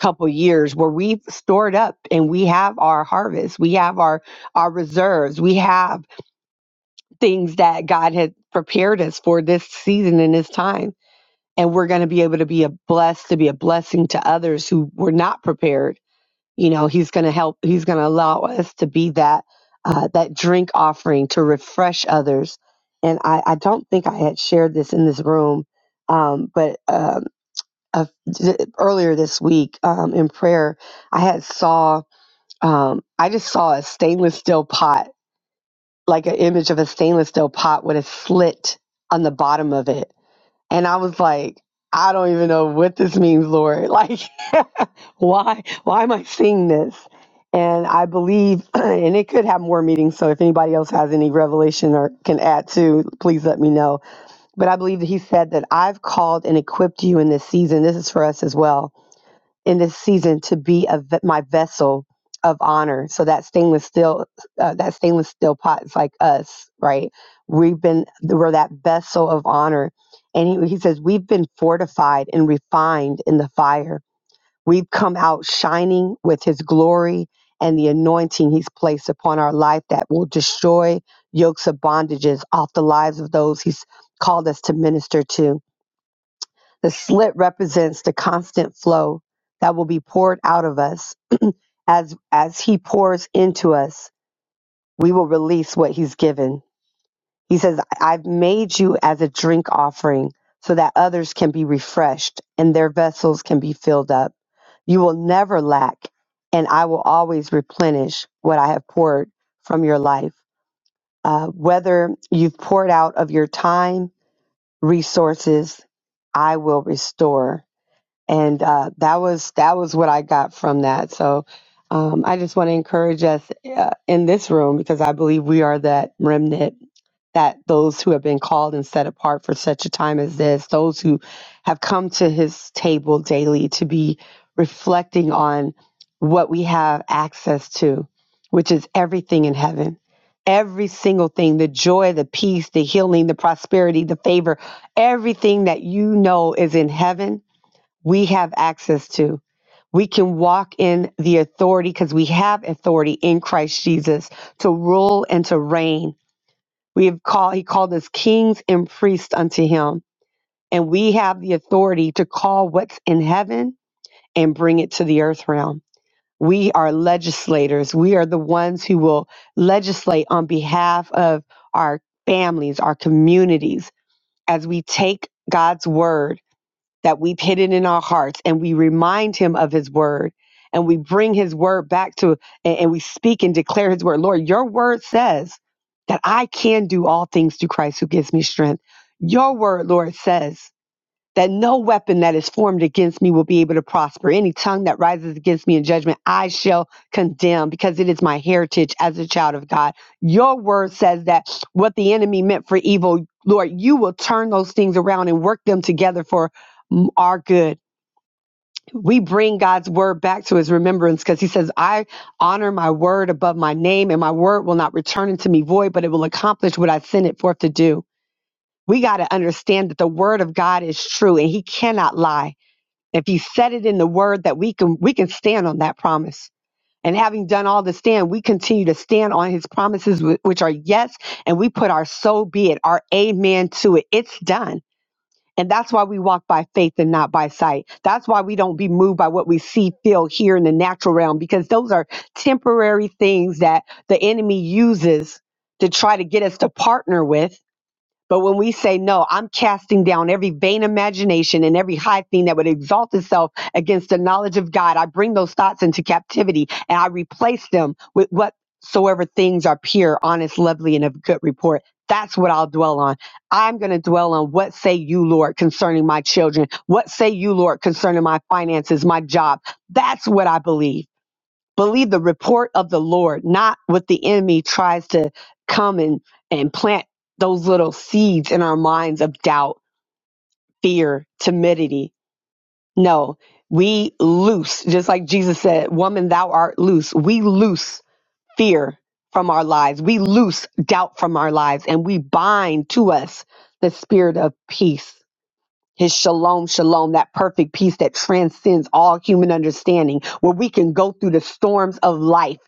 Speaker 5: couple years where we've stored up and we have our harvest we have our our reserves we have things that god had prepared us for this season and this time and we're going to be able to be a blessed to be a blessing to others who were not prepared you know he's going to help he's going to allow us to be that uh, that drink offering to refresh others and I, I don't think i had shared this in this room um, but um, uh, earlier this week um, in prayer i had saw um, i just saw a stainless steel pot like an image of a stainless steel pot with a slit on the bottom of it and i was like i don't even know what this means lord [LAUGHS] like why why am I seeing this? And I believe, [CLEARS THROAT] and it could have more meetings. So if anybody else has any revelation or can add to, please let me know. But I believe that he said that I've called and equipped you in this season. This is for us as well in this season to be a, ve- my vessel of honor. So that stainless steel, uh, that stainless steel pot is like us, right? We've been we're that vessel of honor, and he, he says we've been fortified and refined in the fire We've come out shining with his glory and the anointing he's placed upon our life that will destroy yokes of bondages off the lives of those he's called us to minister to. The slit represents the constant flow that will be poured out of us as as he pours into us. We will release what he's given. He says, "I've made you as a drink offering so that others can be refreshed and their vessels can be filled up." You will never lack, and I will always replenish what I have poured from your life. Uh, whether you've poured out of your time, resources, I will restore. And uh, that was that was what I got from that. So um, I just want to encourage us uh, in this room because I believe we are that remnant that those who have been called and set apart for such a time as this, those who have come to his table daily to be reflecting on what we have access to, which is everything in heaven. Every single thing, the joy, the peace, the healing, the prosperity, the favor, everything that you know is in heaven, we have access to. We can walk in the authority because we have authority in Christ Jesus to rule and to reign we have called, he called us kings and priests unto him. And we have the authority to call what's in heaven and bring it to the earth realm. We are legislators. We are the ones who will legislate on behalf of our families, our communities, as we take God's word that we've hidden in our hearts and we remind him of his word and we bring his word back to and, and we speak and declare his word lord your word says that i can do all things through christ who gives me strength your word lord says that no weapon that is formed against me will be able to prosper. Any tongue that rises against me in judgment, I shall condemn because it is my heritage as a child of God. Your word says that what the enemy meant for evil, Lord, you will turn those things around and work them together for mm, our good. We bring God's word back to his remembrance because he says, I honor my word above my name, and my word will not return unto me void, but it will accomplish what I sent it forth to do. We got to understand that the word of God is true and he cannot lie. If he said it in the word that we can we can stand on that promise. And having done all to stand, we continue to stand on his promises wh- which are yes, and we put our so be it, our amen to it. It's done. And that's why we walk by faith and not by sight. That's why we don't be moved by what we see, feel, hear in the natural realm, because those are temporary things that the enemy uses to try to get us to partner with but when we say no, I'm casting down every vain imagination and every high thing that would exalt itself against the knowledge of God. I bring those thoughts into captivity and I replace them with whatsoever things are pure, honest, lovely, and of good report. That's what I'll dwell on. I'm going to dwell on what say you, Lord, concerning my children. What say you, Lord, concerning my finances, my job. That's what I believe believe the report of the Lord, not what the enemy tries to come and, and plant those little seeds in our minds of doubt, fear, timidity. No, we loose, just like Jesus said, Woman, thou art loose. We loose fear from our lives, we loose doubt from our lives, and we bind to us the spirit of peace. His shalom, shalom, that perfect peace that transcends all human understanding, where we can go through the storms of life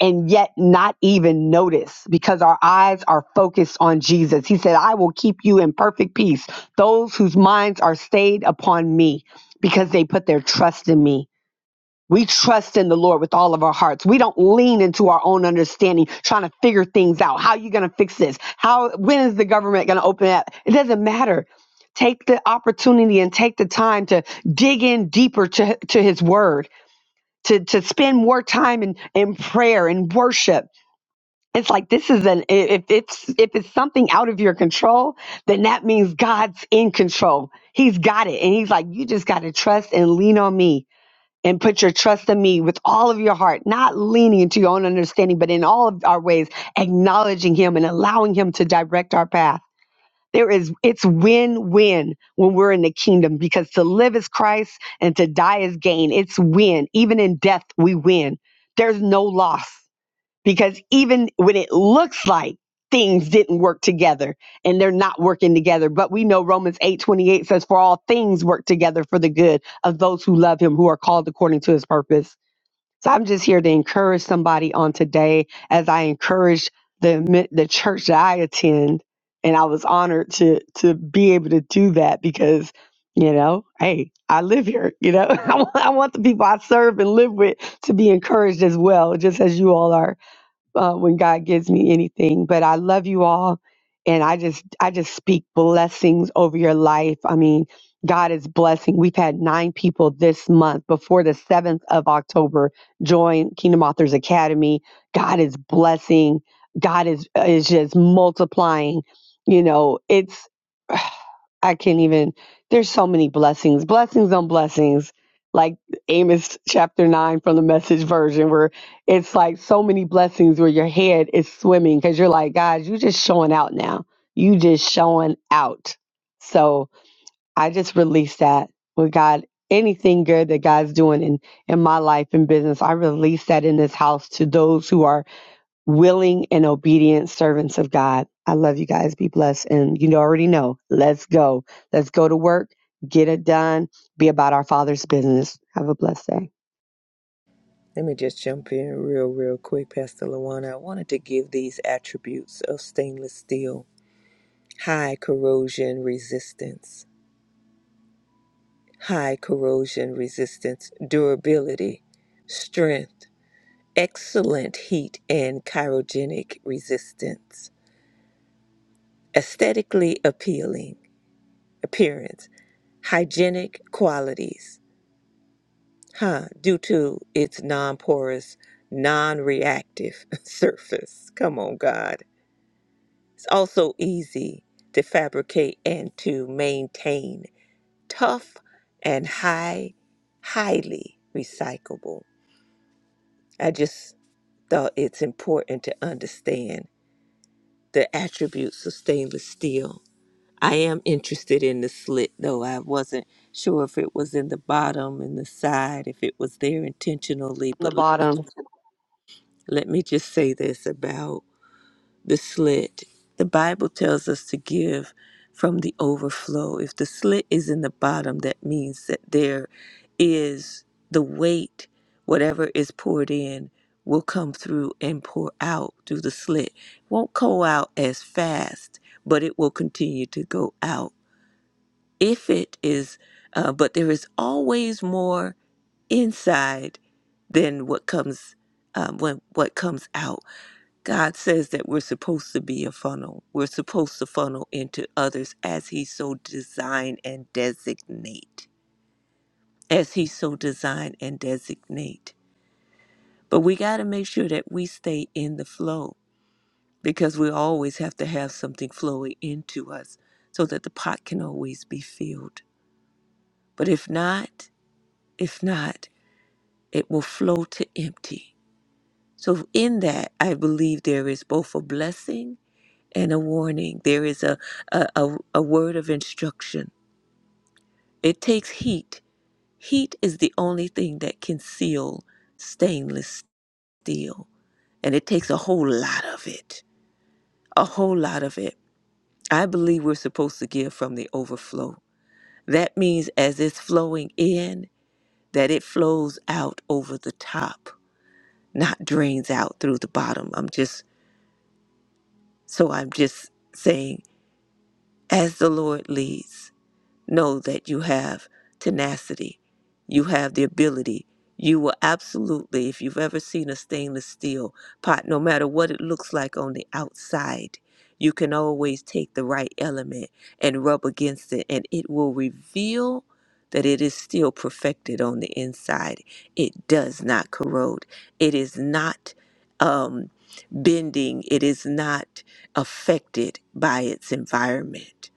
Speaker 5: and yet not even notice because our eyes are focused on Jesus. He said, I will keep you in perfect peace, those whose minds are stayed upon me because they put their trust in me. We trust in the Lord with all of our hearts. We don't lean into our own understanding, trying to figure things out. How are you going to fix this? How, when is the government going to open up? It doesn't matter. Take the opportunity and take the time to dig in deeper to, to his word, to, to spend more time in, in prayer and worship. It's like this is an if it's if it's something out of your control, then that means God's in control. He's got it. And he's like, you just gotta trust and lean on me and put your trust in me with all of your heart, not leaning into your own understanding, but in all of our ways, acknowledging him and allowing him to direct our path. There is it's win-win when we're in the kingdom because to live is Christ and to die is gain. It's win. Even in death, we win. There's no loss because even when it looks like things didn't work together and they're not working together but we know romans 8 28 says for all things work together for the good of those who love him who are called according to his purpose so i'm just here to encourage somebody on today as i encourage the mi- the church that i attend and i was honored to to be able to do that because you know hey i live here you know [LAUGHS] I want, I want the people i serve and live with to be encouraged as well just as you all are uh, when God gives me anything. But I love you all, and I just I just speak blessings over your life. I mean, God is blessing. We've had nine people this month before the seventh of October join Kingdom Authors Academy. God is blessing. God is is just multiplying. You know, it's. [SIGHS] I can't even. There's so many blessings, blessings on blessings, like Amos chapter nine from the Message version, where it's like so many blessings where your head is swimming because you're like, God, you just showing out now. You just showing out. So I just release that with God. Anything good that God's doing in in my life and business, I release that in this house to those who are willing and obedient servants of God. I love you guys. Be blessed. And you already know, let's go. Let's go to work, get it done, be about our Father's business. Have a blessed day.
Speaker 4: Let me just jump in real, real quick, Pastor Lawana. I wanted to give these attributes of stainless steel high corrosion resistance, high corrosion resistance, durability, strength, excellent heat and chirogenic resistance, aesthetically appealing appearance, hygienic qualities, huh, due to its non porous, non reactive [LAUGHS] surface. Come on, God. It's also easy to fabricate and to maintain tough and high, highly recyclable. I just thought it's important to understand the attributes of stainless steel. I am interested in the slit though. I wasn't sure if it was in the bottom and the side, if it was there intentionally,
Speaker 5: On the
Speaker 4: but
Speaker 5: bottom.
Speaker 4: Let me just say this about the slit. The Bible tells us to give from the overflow. If the slit is in the bottom, that means that there is the weight, whatever is poured in, will come through and pour out through the slit. It Won't go out as fast, but it will continue to go out. If it is, uh, but there is always more inside than what comes um, when what comes out God says that we're supposed to be a funnel. We're supposed to funnel into others as He so designed and designate. As He so designed and designate. But we got to make sure that we stay in the flow because we always have to have something flowing into us so that the pot can always be filled. But if not, if not, it will flow to empty. So, in that, I believe there is both a blessing and a warning. There is a, a, a, a word of instruction. It takes heat. Heat is the only thing that can seal stainless steel, and it takes a whole lot of it. A whole lot of it. I believe we're supposed to give from the overflow. That means as it's flowing in, that it flows out over the top, not drains out through the bottom. I'm just, so I'm just saying as the Lord leads. Know that you have tenacity, you have the ability. You will absolutely, if you've ever seen a stainless steel pot, no matter what it looks like on the outside, you can always take the right element and rub against it, and it will reveal that it is still perfected on the inside. It does not corrode, it is not um, bending, it is not affected by its environment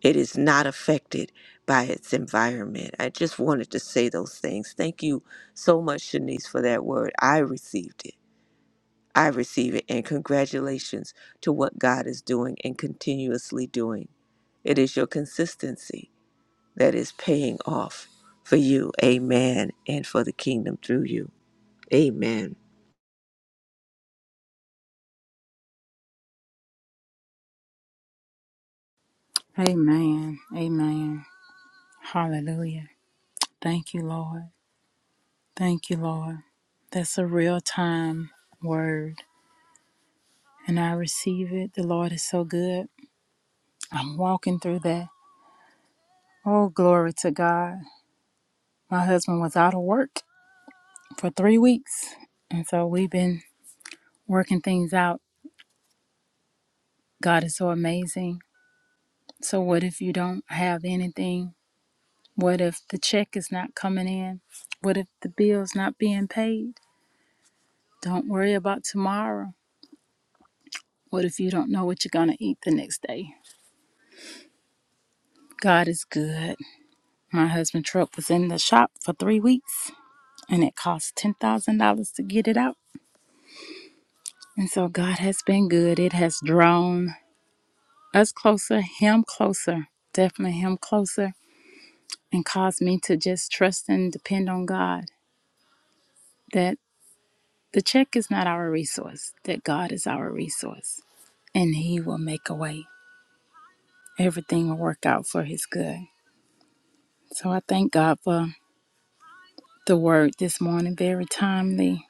Speaker 4: it is not affected by its environment. I just wanted to say those things. Thank you so much, Shanice, for that word. I received it. I receive it. And congratulations to what God is doing and continuously doing. It is your consistency that is paying off for you. Amen. And for the kingdom through you. Amen.
Speaker 1: Amen, amen. Hallelujah. Thank you, Lord. Thank you, Lord. That's a real time word, and I receive it. The Lord is so good. I'm walking through that. Oh, glory to God. My husband was out of work for three weeks, and so we've been working things out. God is so amazing. So, what if you don't have anything? What if the check is not coming in? What if the bill's not being paid? Don't worry about tomorrow. What if you don't know what you're going to eat the next day? God is good. My husband's truck was in the shop for three weeks and it cost $10,000 to get it out. And so God has been good. It has drawn us closer, Him closer, definitely Him closer, and caused me to just trust and depend on God that the check is not our resource, that God is our resource and He will make a way. Everything will work out for His good. So I thank God for the word this morning, very timely,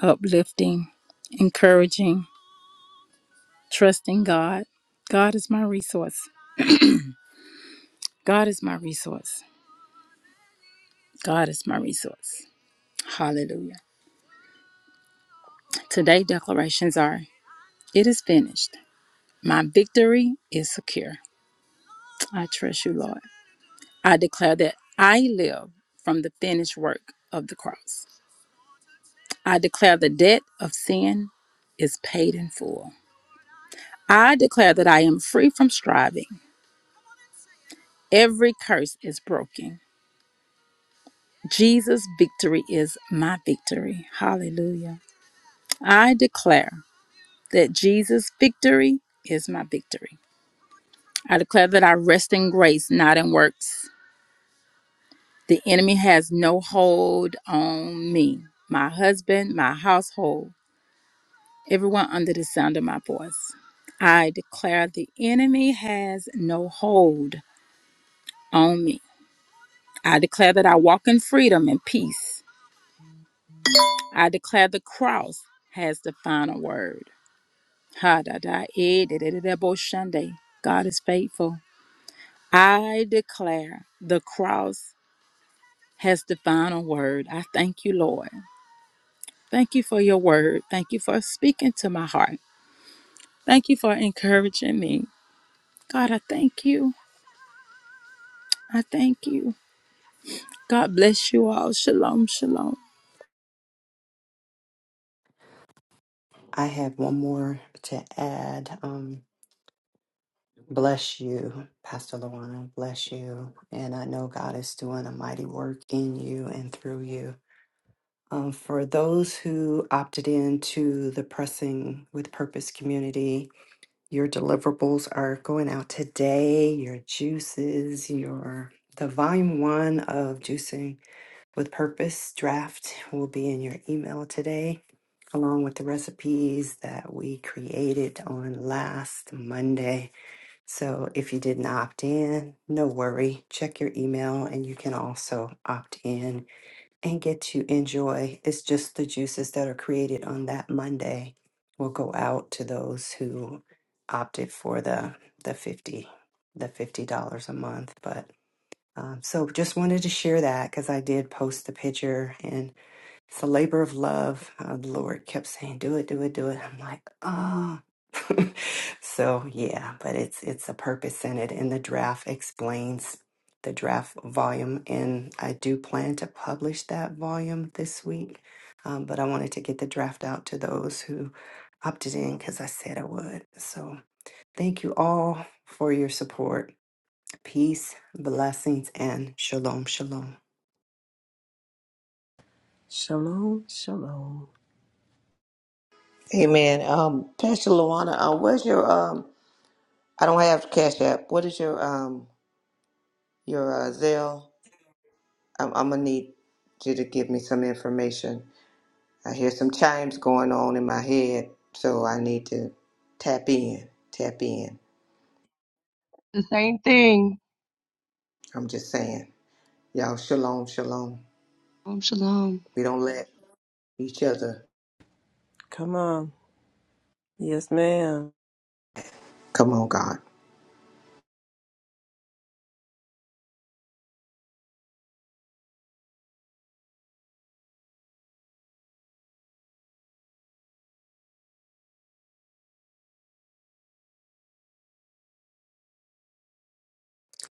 Speaker 1: uplifting, encouraging Trusting God. God is my resource. God is my resource. God is my resource. Hallelujah. Today declarations are It is finished. My victory is secure. I trust you, Lord. I declare that I live from the finished work of the cross. I declare the debt of sin is paid in full. I declare that I am free from striving. Every curse is broken. Jesus' victory is my victory. Hallelujah. I declare that Jesus' victory is my victory. I declare that I rest in grace, not in works. The enemy has no hold on me, my husband, my household, everyone under the sound of my voice. I declare the enemy has no hold on me. I declare that I walk in freedom and peace. I declare the cross has the final word. Ha da da eh, da da da da, bo shande. God is faithful. I declare the cross has the final word. I thank you, Lord. Thank you for your word. Thank you for speaking to my heart. Thank you for encouraging me. God, I thank you. I thank you. God bless you all. Shalom, shalom.
Speaker 2: I have one more to add. Um, bless you, Pastor Luana. Bless you. And I know God is doing a mighty work in you and through you. Um, for those who opted in to the Pressing with Purpose community, your deliverables are going out today. Your juices, your the volume one of juicing with purpose draft will be in your email today, along with the recipes that we created on last Monday. So if you didn't opt in, no worry. Check your email and you can also opt in and get to enjoy. It's just the juices that are created on that Monday will go out to those who opted for the the 50 the $50 a month, but um, so just wanted to share that because I did post the picture and it's a labor of love. Uh, the Lord kept saying, do it, do it, do it. I'm like, ah. [LAUGHS] so yeah, but it's, it's a purpose in it. And the draft explains the draft volume. And I do plan to publish that volume this week. Um, but I wanted to get the draft out to those who opted in because I said I would. So thank you all for your support Peace, blessings, and shalom, shalom.
Speaker 3: Shalom, shalom.
Speaker 4: Amen. Um, Pastor Luana, uh, where's your um? I don't have Cash App. What is your um your uh, Zelle? I'm, I'm gonna need you to give me some information. I hear some chimes going on in my head, so I need to tap in, tap in.
Speaker 5: Same thing.
Speaker 4: I'm just saying, y'all, shalom, shalom.
Speaker 5: Shalom, shalom.
Speaker 4: We don't let each other.
Speaker 3: Come on. Yes, ma'am.
Speaker 4: Come on, God.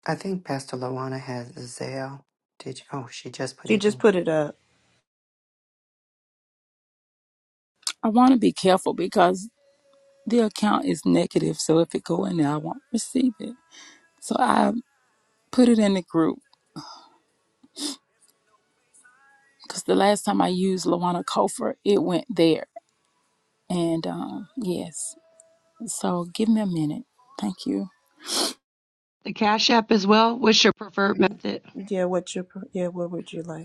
Speaker 2: I think Pastor Lawana has Zelle. Did you? Oh, she just put
Speaker 3: She
Speaker 2: it in.
Speaker 3: just put it up.
Speaker 1: I want to be careful because the account is negative, so if it go in there, I won't receive it. So I put it in the group because the last time I used Lawana Kofor, it went there. And um, yes, so give me a minute. Thank you.
Speaker 5: The cash or preferred method.
Speaker 3: Yeah, what your yeah, what would you like?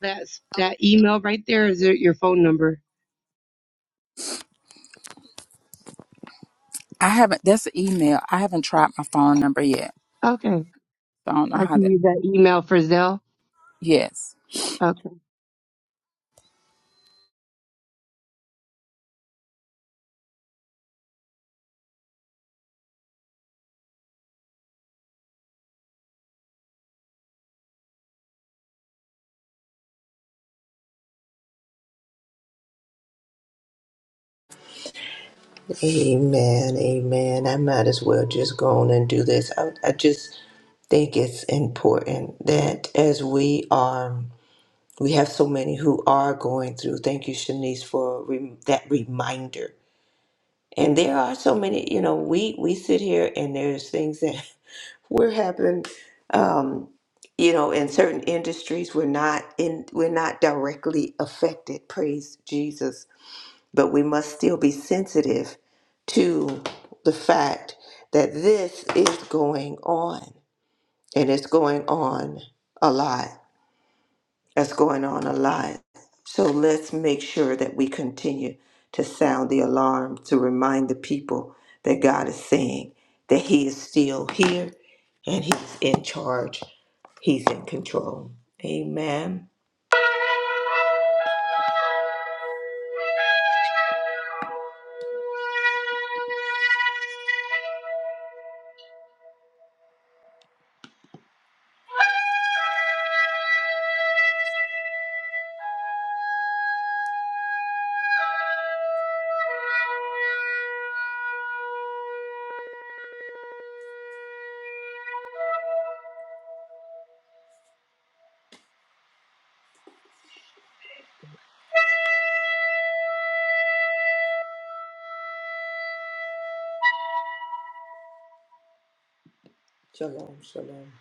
Speaker 5: That's that email right there. Is it your phone number?
Speaker 1: I haven't. That's an email. I haven't tried my phone number yet,
Speaker 5: Okay,
Speaker 1: so I don't know
Speaker 5: I
Speaker 1: how
Speaker 5: can
Speaker 1: that.
Speaker 5: use that email for Zelle.
Speaker 1: Yes.
Speaker 4: Amen, amen. I might as well just go on and do this. I, I just think it's important that as we are, we have so many who are going through. Thank you, Shanice, for re- that reminder And there are so many, you know, we we sit here and there's things that [LAUGHS] we're having, um, you know, in certain industries we're not in we're not directly affected, praise Jesus, but we must still be sensitive to the fact that this is going on and it's going on a lot. That's going on a lot. So let's make sure that we continue to sound the alarm to remind the people that God is saying that He is still here and He's in charge, He's in control. Amen. Shalom, shalom.